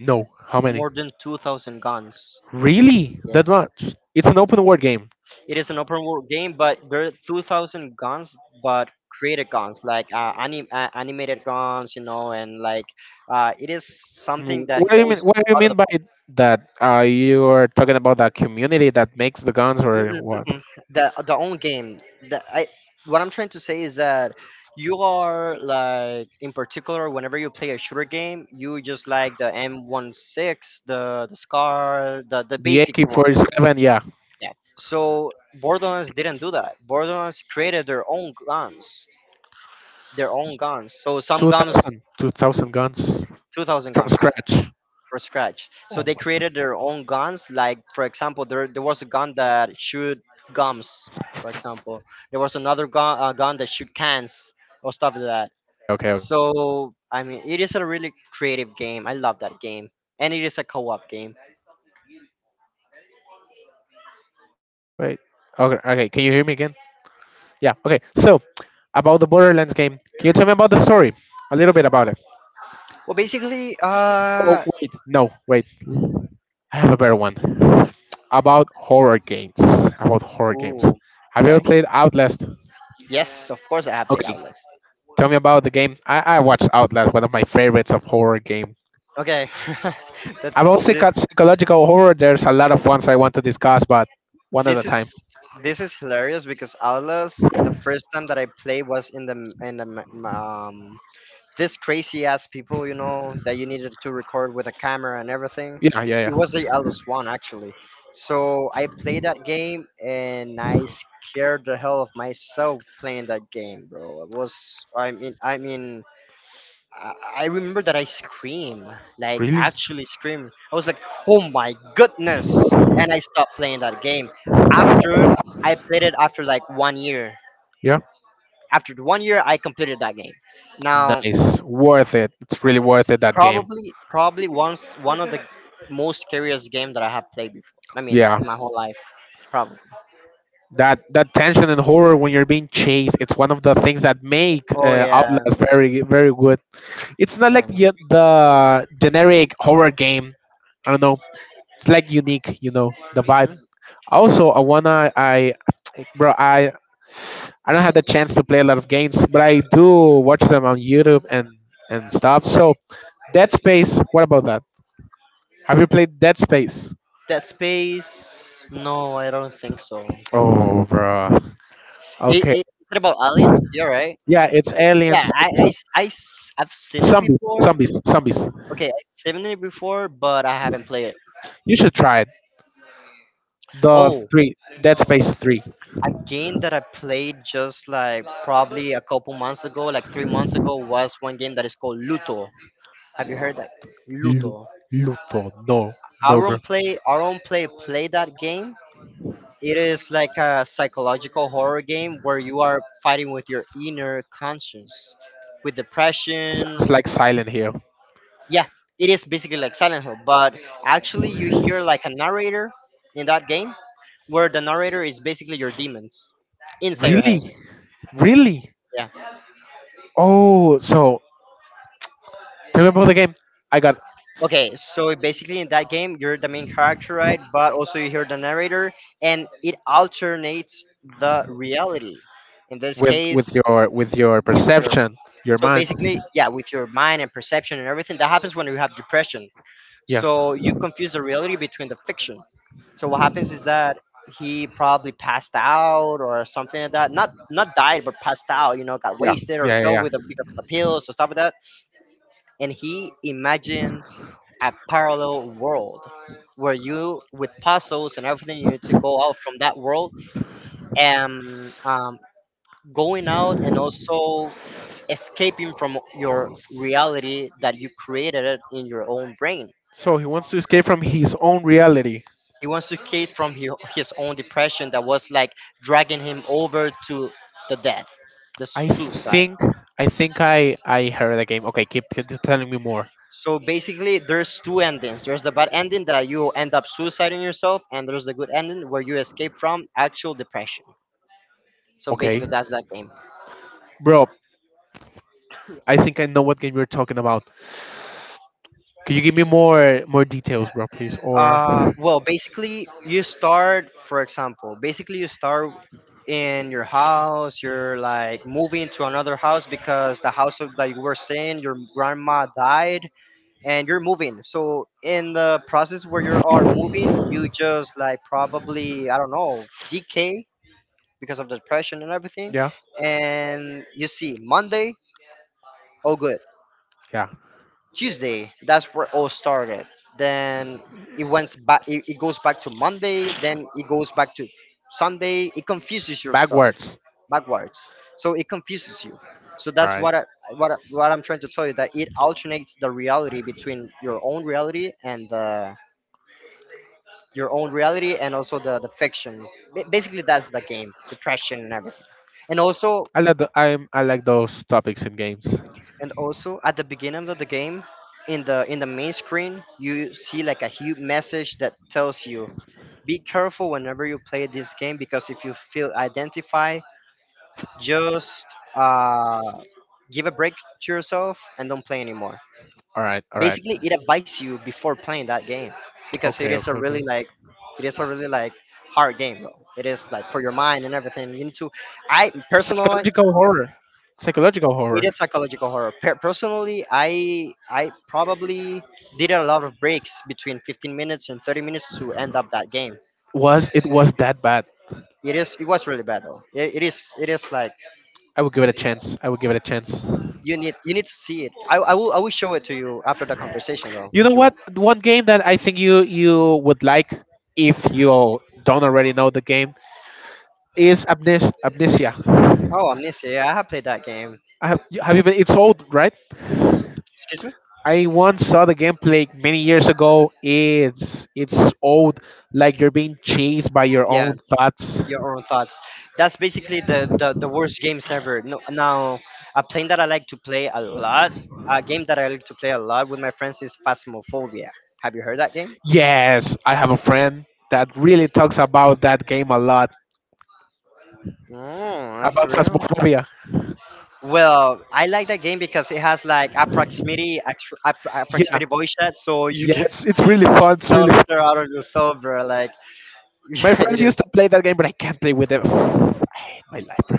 Speaker 1: No. How many?
Speaker 2: More than 2,000 guns.
Speaker 1: Really?
Speaker 2: Yeah,
Speaker 1: That much? It's an open world game.
Speaker 2: it is an open world game, but there are 2,000 guns, but created guns, like animated guns and, like, it is something that
Speaker 1: What do you mean?
Speaker 2: goes
Speaker 1: What do you
Speaker 2: out of
Speaker 1: mean
Speaker 2: the
Speaker 1: by that? You are talking about the community that makes the guns,
Speaker 2: Mm,
Speaker 1: or
Speaker 2: mm, mm,
Speaker 1: what?
Speaker 2: mm. The own game. the, I, what I'm trying to say is that you are, like, in particular, whenever you play a shooter game, you just, like, the M16, the scar, the
Speaker 1: The
Speaker 2: basic one.
Speaker 1: AK-47, yeah,
Speaker 2: Yeah. So Borderlands didn't do that. Borderlands created their own guns, their own guns. So some
Speaker 1: two
Speaker 2: guns,
Speaker 1: thousand, 2,000 guns
Speaker 2: 2,000
Speaker 1: from
Speaker 2: guns
Speaker 1: scratch.
Speaker 2: for scratch. So
Speaker 1: Oh
Speaker 2: they
Speaker 1: my god.
Speaker 2: created their own guns. Like for example, there was a gun that shoot gums. For example, there was another gun that shoot cans or stuff like that.
Speaker 1: Okay, okay.
Speaker 2: So I mean, it is a really creative game. I love that game, and it is a co-op game.
Speaker 1: Wait. Okay, okay. Can you hear me again? Yeah. Okay. So about the Borderlands game, can you tell me about the story? A little bit about it.
Speaker 2: Well, basically,
Speaker 1: Oh wait, no, wait. I have a better one. About horror games. About horror games.
Speaker 2: ooh,
Speaker 1: Have you ever
Speaker 2: okay,
Speaker 1: played Outlast?
Speaker 2: yes, of course I have played
Speaker 1: Okay.
Speaker 2: Outlast.
Speaker 1: Tell me about the game. I watched Outlast, one of my favorites of horror game.
Speaker 2: Okay,
Speaker 1: I've
Speaker 2: that's
Speaker 1: also
Speaker 2: this.
Speaker 1: got psychological horror, there's a lot of ones I want to discuss, but one at a
Speaker 2: This is
Speaker 1: time.
Speaker 2: hilarious because Outlast. The first time that I played was in the m- m- this crazy ass people, you know, that you needed to record with a camera and everything.
Speaker 1: Yeah, yeah,
Speaker 2: It was
Speaker 1: yeah.
Speaker 2: the Outlast one actually. So I played that game, and I scared the hell of myself playing that game, bro. It was. I mean, I, I remember that I scream, like
Speaker 1: Really?
Speaker 2: actually scream. I was like, "Oh my goodness!" And I stopped playing that game. After I played it after like one year.
Speaker 1: Yeah.
Speaker 2: After the one year, I completed that game. Now,
Speaker 1: Nice. Worth it. It's really worth it that game.
Speaker 2: probably once one of the most scariest game that I have played before. I mean,
Speaker 1: Yeah.
Speaker 2: in my whole life, probably.
Speaker 1: That tension and horror when you're being chased, it's one of the things that make
Speaker 2: Oh yeah,
Speaker 1: Outlast very very good. It's not like
Speaker 2: yeah.
Speaker 1: the generic horror game. I don't know. It's like unique, the vibe.
Speaker 2: Mhm.
Speaker 1: Also, I wanna I bro, I don't have the chance to play a lot of games, but I do watch them on YouTube and stuff. So Dead Space, what about that? Have you played Dead Space?
Speaker 2: Dead Space? No, I don't think so.
Speaker 1: Oh, bro. Okay.
Speaker 2: Is it about aliens? You're right.
Speaker 1: Yeah, it's
Speaker 2: Yeah,
Speaker 1: aliens, it's
Speaker 2: I've seen it
Speaker 1: zombies,
Speaker 2: before.
Speaker 1: zombies, zombies.
Speaker 2: Okay, I've seen it before, but I haven't played it.
Speaker 1: You should try it. The
Speaker 2: Oh,
Speaker 1: three Dead Space 3.
Speaker 2: a game that I played just like probably a couple months ago, like 3 months ago, was one game that is called Luto. Have you heard that?
Speaker 1: Lu-
Speaker 2: Luto.
Speaker 1: Luto? No. No, bro.
Speaker 2: Aaron play that game. It is like a psychological horror game where you are fighting with your inner conscience, with
Speaker 1: Sounds
Speaker 2: depression.
Speaker 1: like Silent Hill.
Speaker 2: Yeah, it is basically like Silent Hill, but actually you hear like a narrator in that game, where the narrator is basically your demons inside your head.
Speaker 1: Really? Really?
Speaker 2: Yeah.
Speaker 1: Oh, so tell me about the game. I got,
Speaker 2: Okay, so basically in that game you're the main character, right? But also you hear the narrator, and it alternates the reality. In this
Speaker 1: with with
Speaker 2: case,
Speaker 1: your with your
Speaker 2: with your
Speaker 1: perception, your
Speaker 2: so
Speaker 1: mind.
Speaker 2: basically, yeah, with your mind and perception and everything that happens when you have depression.
Speaker 1: Yeah,
Speaker 2: So you confuse the reality between the fiction. So what happens is that he probably passed out or something like that. Not died, but passed out. Got
Speaker 1: yeah,
Speaker 2: wasted or
Speaker 1: yeah,
Speaker 2: so
Speaker 1: yeah.
Speaker 2: with
Speaker 1: Yeah.
Speaker 2: because of the pills or stuff like that. And he imagined a parallel world where you, with puzzles and everything, you need to go out from that world and going out, and also escaping from your reality that you created it in your own brain.
Speaker 1: So he wants to escape from his own reality.
Speaker 2: He wants to escape from his own depression that was like dragging him over to the death, the
Speaker 1: I
Speaker 2: suicide.
Speaker 1: think I think I heard the game. Okay, keep telling me more.
Speaker 2: So basically, there's two endings. There's the bad ending that you end up suiciding yourself, and there's the good ending where you escape from actual depression. So basically,
Speaker 1: Okay,
Speaker 2: that's that game.
Speaker 1: bro. I think I know what game you're talking about. Can you give me more details, bro, please? Or
Speaker 2: Well, basically, you start, for example, basically you start in your house. You're like moving to another house because the house that you were staying, your grandma died, and you're moving. So in the process where you are moving, you just like, probably, I don't know, decay because of the depression and everything,
Speaker 1: yeah,
Speaker 2: and you see Monday, all good,
Speaker 1: yeah.
Speaker 2: Tuesday, that's where all started. Then it went back, it goes back to Monday, then it goes back to Sunday. It confuses yourself
Speaker 1: Backwards.
Speaker 2: backwards, so it confuses you. So
Speaker 1: All
Speaker 2: that's
Speaker 1: right.
Speaker 2: what I'm trying to tell you, that it alternates the reality between your own reality and the your own reality, and also the fiction. Basically, that's the game, depression and everything. And also
Speaker 1: I like those topics in games.
Speaker 2: at the beginning of the game, in the main screen, you see like a huge message that tells you, be careful whenever you play this game, because if you feel identified, just uh, give a break to yourself and don't play anymore.
Speaker 1: All right, all right.
Speaker 2: Basically, it advises you before playing that game because
Speaker 1: Okay, okay, okay.
Speaker 2: it is a really like hard game though. It is like for your mind and everything, you need to, I personally
Speaker 1: Psychological horror. Psychological
Speaker 2: it
Speaker 1: horror.
Speaker 2: is psychological horror, personally, I probably did a lot of breaks between 15 minutes and 30 minutes to end up that game.
Speaker 1: Was that bad?
Speaker 2: It was really bad though. It, it is it is like,
Speaker 1: I would give it a chance. I would give it a chance.
Speaker 2: you need to see it. I will show it to you after the conversation though
Speaker 1: You
Speaker 2: if
Speaker 1: know
Speaker 2: you
Speaker 1: what?
Speaker 2: want.
Speaker 1: One game that I think you would like if you don't already know the game is Amnesia.
Speaker 2: Oh, Amnesia, yeah, I have played that game.
Speaker 1: Have you been? It's old, right?
Speaker 2: Excuse me.
Speaker 1: I once saw the gameplay many years ago. It's old, like you're being chased by your
Speaker 2: Yeah,
Speaker 1: own thoughts.
Speaker 2: your own thoughts. That's basically the worst games ever. No, now, a plane that I like to play a lot, a game that I like to play a lot with my friends is Phasmophobia. Have you heard that game?
Speaker 1: Yes, I have a friend that really talks about that game a lot,
Speaker 2: Oh, that's
Speaker 1: about
Speaker 2: real.
Speaker 1: Phasmophobia.
Speaker 2: Well, I like that game because it has like a proximity, a
Speaker 1: Yeah,
Speaker 2: proximity voice chat, so you
Speaker 1: yeah,
Speaker 2: get
Speaker 1: it's really fun. It's
Speaker 2: that
Speaker 1: really.
Speaker 2: was scared out of your soul, bro. Like,
Speaker 1: My
Speaker 2: yeah, it
Speaker 1: friends used
Speaker 2: is.
Speaker 1: to play that game, but I can't play with them. I hate my life, bro.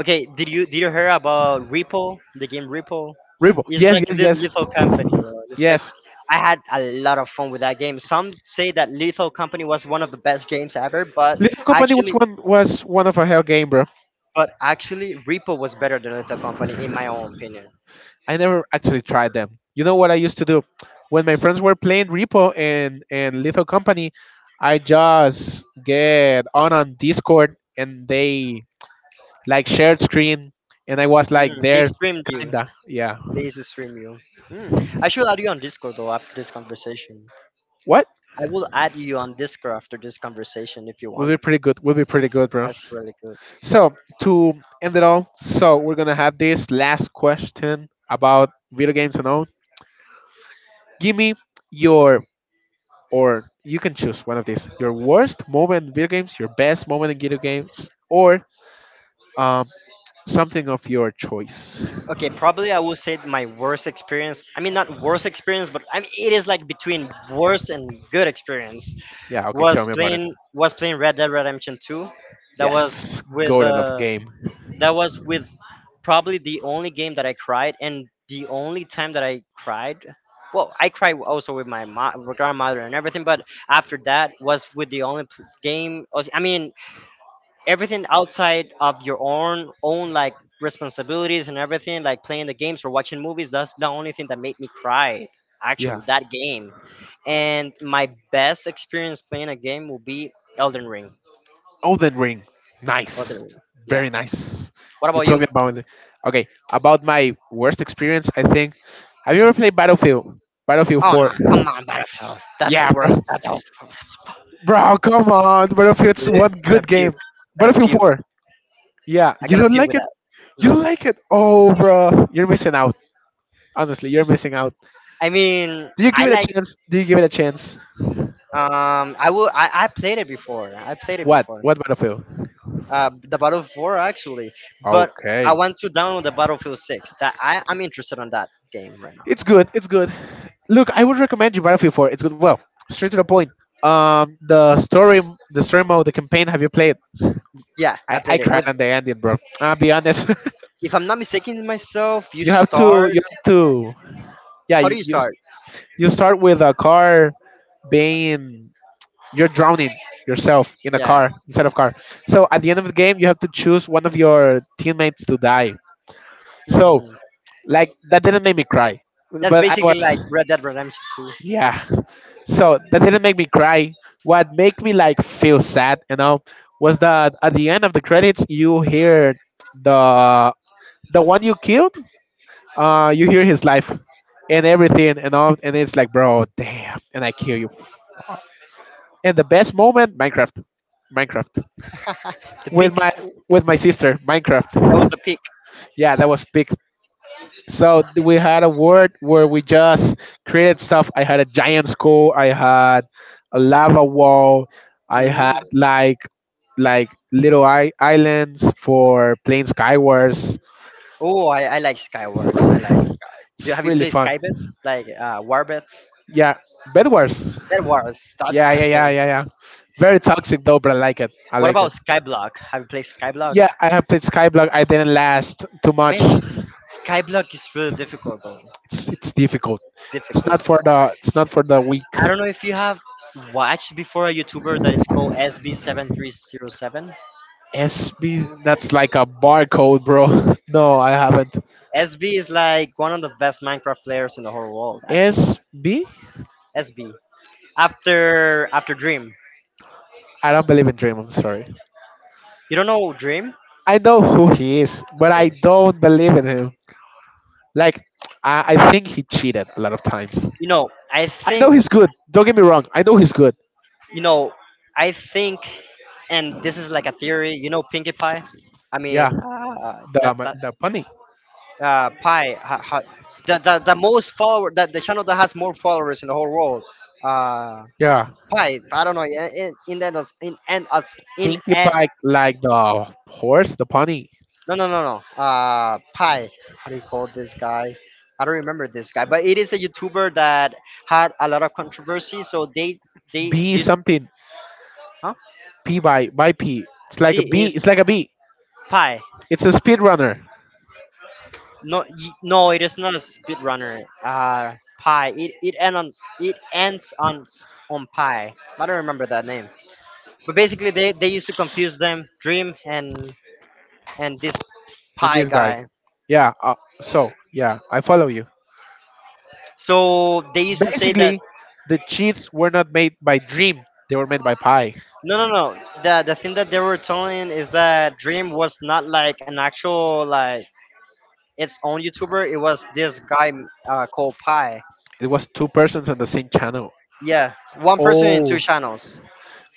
Speaker 2: Okay, did you hear about Ripple? The game Ripple.
Speaker 1: Ribo.
Speaker 2: It's
Speaker 1: Yes,
Speaker 2: like a
Speaker 1: yes, yes,
Speaker 2: Lethal Company, you know. It's like,
Speaker 1: yes.
Speaker 2: I had a lot of fun with that game. Some say that Lethal Company was one of the best games ever, but
Speaker 1: Little Company was
Speaker 2: actually,
Speaker 1: one was one of a hell game, bro.
Speaker 2: Ripple was better than Lethal Company in my own opinion.
Speaker 1: I never actually tried them. You know what I used to do? When my friends were playing Repo and Lethal Company, I just get on Discord and they like shared screen and I was like
Speaker 2: Mm, they
Speaker 1: there
Speaker 2: streamed you.
Speaker 1: kinda. Yeah.
Speaker 2: They used to stream you. Mm. I should add you on Discord though after this conversation.
Speaker 1: What?
Speaker 2: I will add you on Discord after this conversation if you
Speaker 1: Would
Speaker 2: want.
Speaker 1: be pretty good. Would be pretty good, bro.
Speaker 2: That's really good.
Speaker 1: So to end it all, so we're gonna have this last question about video games and all. Give me your, or you can choose one of these. Your worst moment in video games, your best moment in video games, or um, something of your choice.
Speaker 2: Okay, probably I would say my worst experience. I mean, not worst experience, but I mean, it is like between worst and good experience.
Speaker 1: Yeah, okay, tell
Speaker 2: Was
Speaker 1: me about it.
Speaker 2: playing was playing Red Dead Redemption 2. That was
Speaker 1: Yes,
Speaker 2: with
Speaker 1: golden of game.
Speaker 2: that was with probably the only game that I cried, and the only time that I cried. Well, I cried also with my grandmother and everything, but after that was with the only game. I mean, everything outside of your own like responsibilities and everything, like playing the games or watching movies, that's the only thing that made me cry,
Speaker 1: Yeah,
Speaker 2: actually, that game. And my best experience playing a game will be elden ring
Speaker 1: Elden Ring.
Speaker 2: Elden
Speaker 1: Nice,
Speaker 2: Ring. Yeah.
Speaker 1: very nice.
Speaker 2: What
Speaker 1: You
Speaker 2: about
Speaker 1: told
Speaker 2: you?
Speaker 1: me about it. Okay, about my worst experience. I think. Have you ever played Battlefield? Battlefield
Speaker 2: Oh no,
Speaker 1: 4.
Speaker 2: come on, Battlefield, that's the
Speaker 1: Yeah,
Speaker 2: worst,
Speaker 1: bro.
Speaker 2: that's the worst.
Speaker 1: Bro, come on. Battlefield's one
Speaker 2: I'm gonna
Speaker 1: good game.
Speaker 2: puke. I'm gonna
Speaker 1: Battlefield
Speaker 2: puke.
Speaker 1: 4. Yeah,
Speaker 2: I'm
Speaker 1: you
Speaker 2: gonna
Speaker 1: don't
Speaker 2: puke
Speaker 1: like
Speaker 2: with
Speaker 1: it?
Speaker 2: that.
Speaker 1: You don't
Speaker 2: No.
Speaker 1: like it? Oh, bro. You're missing out. Honestly, you're missing out.
Speaker 2: I mean,
Speaker 1: Do you give
Speaker 2: I
Speaker 1: it a
Speaker 2: like,
Speaker 1: chance? Do you give it a chance?
Speaker 2: I played it before.
Speaker 1: What? What Battlefield?
Speaker 2: The Battlefield 4 actually, but I
Speaker 1: Okay.
Speaker 2: want to download the Battlefield 6. That I'm interested on that game right now.
Speaker 1: It's good. It's good. Look, I would recommend you Battlefield 4. It's good. Well, straight to the point. The the story mode, the campaign. Have you played?
Speaker 2: Yeah, I
Speaker 1: I,
Speaker 2: played
Speaker 1: I
Speaker 2: it
Speaker 1: cried
Speaker 2: with.
Speaker 1: on the ending, bro. I'll be honest.
Speaker 2: If I'm not mistaken myself, you
Speaker 1: You have to,
Speaker 2: start.
Speaker 1: you have to. Yeah.
Speaker 2: How do you start?
Speaker 1: You start with a car being, you're drowning yourself in a
Speaker 2: Yeah.
Speaker 1: car, instead of car. So at the end of the game, you have to choose one of your teammates to die. So
Speaker 2: Mhm.
Speaker 1: like that didn't make me cry,
Speaker 2: That's
Speaker 1: but I
Speaker 2: basically like
Speaker 1: was.
Speaker 2: Red Dead Redemption 2.
Speaker 1: Yeah. So that didn't make me cry. What made me like feel sad, was that at the end of the credits, you hear the the one you killed. You hear his life and everything, and all, and it's like, bro, damn, and I kill you. And the best moment, Minecraft Minecraft
Speaker 2: The
Speaker 1: with
Speaker 2: peak. That
Speaker 1: my sister,
Speaker 2: was
Speaker 1: Minecraft.
Speaker 2: the peak.
Speaker 1: Yeah, that was big. So we had a word where we just created stuff. I had a giant skull. I had a lava wall. I had
Speaker 2: Mm.
Speaker 1: like little islands for playing Skywars.
Speaker 2: Oh, I like Skywars. I like. Do
Speaker 1: It's
Speaker 2: have you
Speaker 1: really
Speaker 2: played
Speaker 1: fun.
Speaker 2: Skybets? Like, Warbets?
Speaker 1: Yeah, Bedwars.
Speaker 2: Bed Wars. That's
Speaker 1: Yeah,
Speaker 2: the
Speaker 1: yeah, yeah,
Speaker 2: thing.
Speaker 1: yeah, yeah. Very toxic though, but I like it. I
Speaker 2: What
Speaker 1: like
Speaker 2: about
Speaker 1: it.
Speaker 2: Skyblock? Have you played Skyblock?
Speaker 1: Yeah, I have played Skyblock. I didn't last too much.
Speaker 2: Man, Skyblock is really difficult though.
Speaker 1: It's difficult.
Speaker 2: Difficult.
Speaker 1: It's not for the weak.
Speaker 2: I don't know if you have watched before a YouTuber that is called SB7307.
Speaker 1: SB, that's like a barcode, bro. No, I haven't.
Speaker 2: SB is like one of the best Minecraft players in the whole world, actually.
Speaker 1: S B.
Speaker 2: SB. After Dream.
Speaker 1: I don't believe in Dream. I'm sorry.
Speaker 2: You don't know Dream?
Speaker 1: I know who he is, but I
Speaker 2: Okay.
Speaker 1: don't believe in him. Like I think he cheated a lot of times.
Speaker 2: You
Speaker 1: I
Speaker 2: know, I
Speaker 1: know
Speaker 2: think.
Speaker 1: he's good. Don't get me wrong. I know he's good.
Speaker 2: You know, I think, and this is like a theory. You know, Pinkie Pie. I
Speaker 1: Yeah,
Speaker 2: mean, that
Speaker 1: the
Speaker 2: that
Speaker 1: the pony.
Speaker 2: Pie. Ha, ha, the most follower that the channel that has more followers in the whole world. Uh,
Speaker 1: Yeah,
Speaker 2: Pie. I don't know. In and as- in
Speaker 1: Pinkie
Speaker 2: a-
Speaker 1: Pie like the horse, the pony.
Speaker 2: No, no, no, no. Pie. How do you call this guy? I don't remember this guy, but it is a YouTuber that had a lot of controversy. So they
Speaker 1: B
Speaker 2: used.
Speaker 1: something.
Speaker 2: Huh?
Speaker 1: P by P. It's like a
Speaker 2: See,
Speaker 1: B.
Speaker 2: is
Speaker 1: It's like a B.
Speaker 2: Pie.
Speaker 1: It's a speed runner.
Speaker 2: No, no, it is not a speedrunner. Pi. It ends on Pi. I don't remember that name. But basically, they used to confuse them, Dream and this
Speaker 1: Than
Speaker 2: Pi
Speaker 1: this guy.
Speaker 2: guy.
Speaker 1: Yeah. So yeah, I follow you.
Speaker 2: So they used to say that
Speaker 1: Basically, the cheats were not made by Dream. They were made by Pi.
Speaker 2: no, no, no. The thing that they were telling is that Dream was not like an actual, like, its own YouTuber. It was this guy, called Pi.
Speaker 1: It was two persons on the same channel.
Speaker 2: Yeah, one person in two
Speaker 1: Oh.
Speaker 2: channels.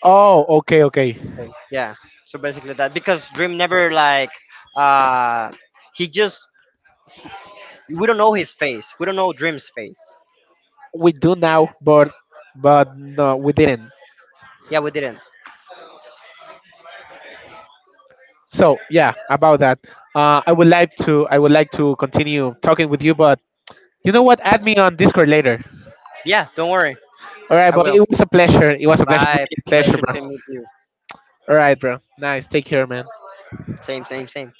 Speaker 1: Oh. Okay. Okay.
Speaker 2: Thing. Yeah. So basically that, because Dream never like, uh he just, we don't know his face. We don't know Dream's face.
Speaker 1: We do now, but no, we didn't.
Speaker 2: Yeah, we didn't.
Speaker 1: So yeah, about that. I would like to continue talking with you, but you know what? Add me on Discord later.
Speaker 2: Yeah, don't worry.
Speaker 1: All right,
Speaker 2: I
Speaker 1: but it
Speaker 2: will.
Speaker 1: was a pleasure. It was a pleasure,
Speaker 2: Bye.
Speaker 1: really a pleasure,
Speaker 2: Pleasure
Speaker 1: bro.
Speaker 2: to meet you.
Speaker 1: All right, bro. Nice. Take care, man.
Speaker 2: Same, same, same.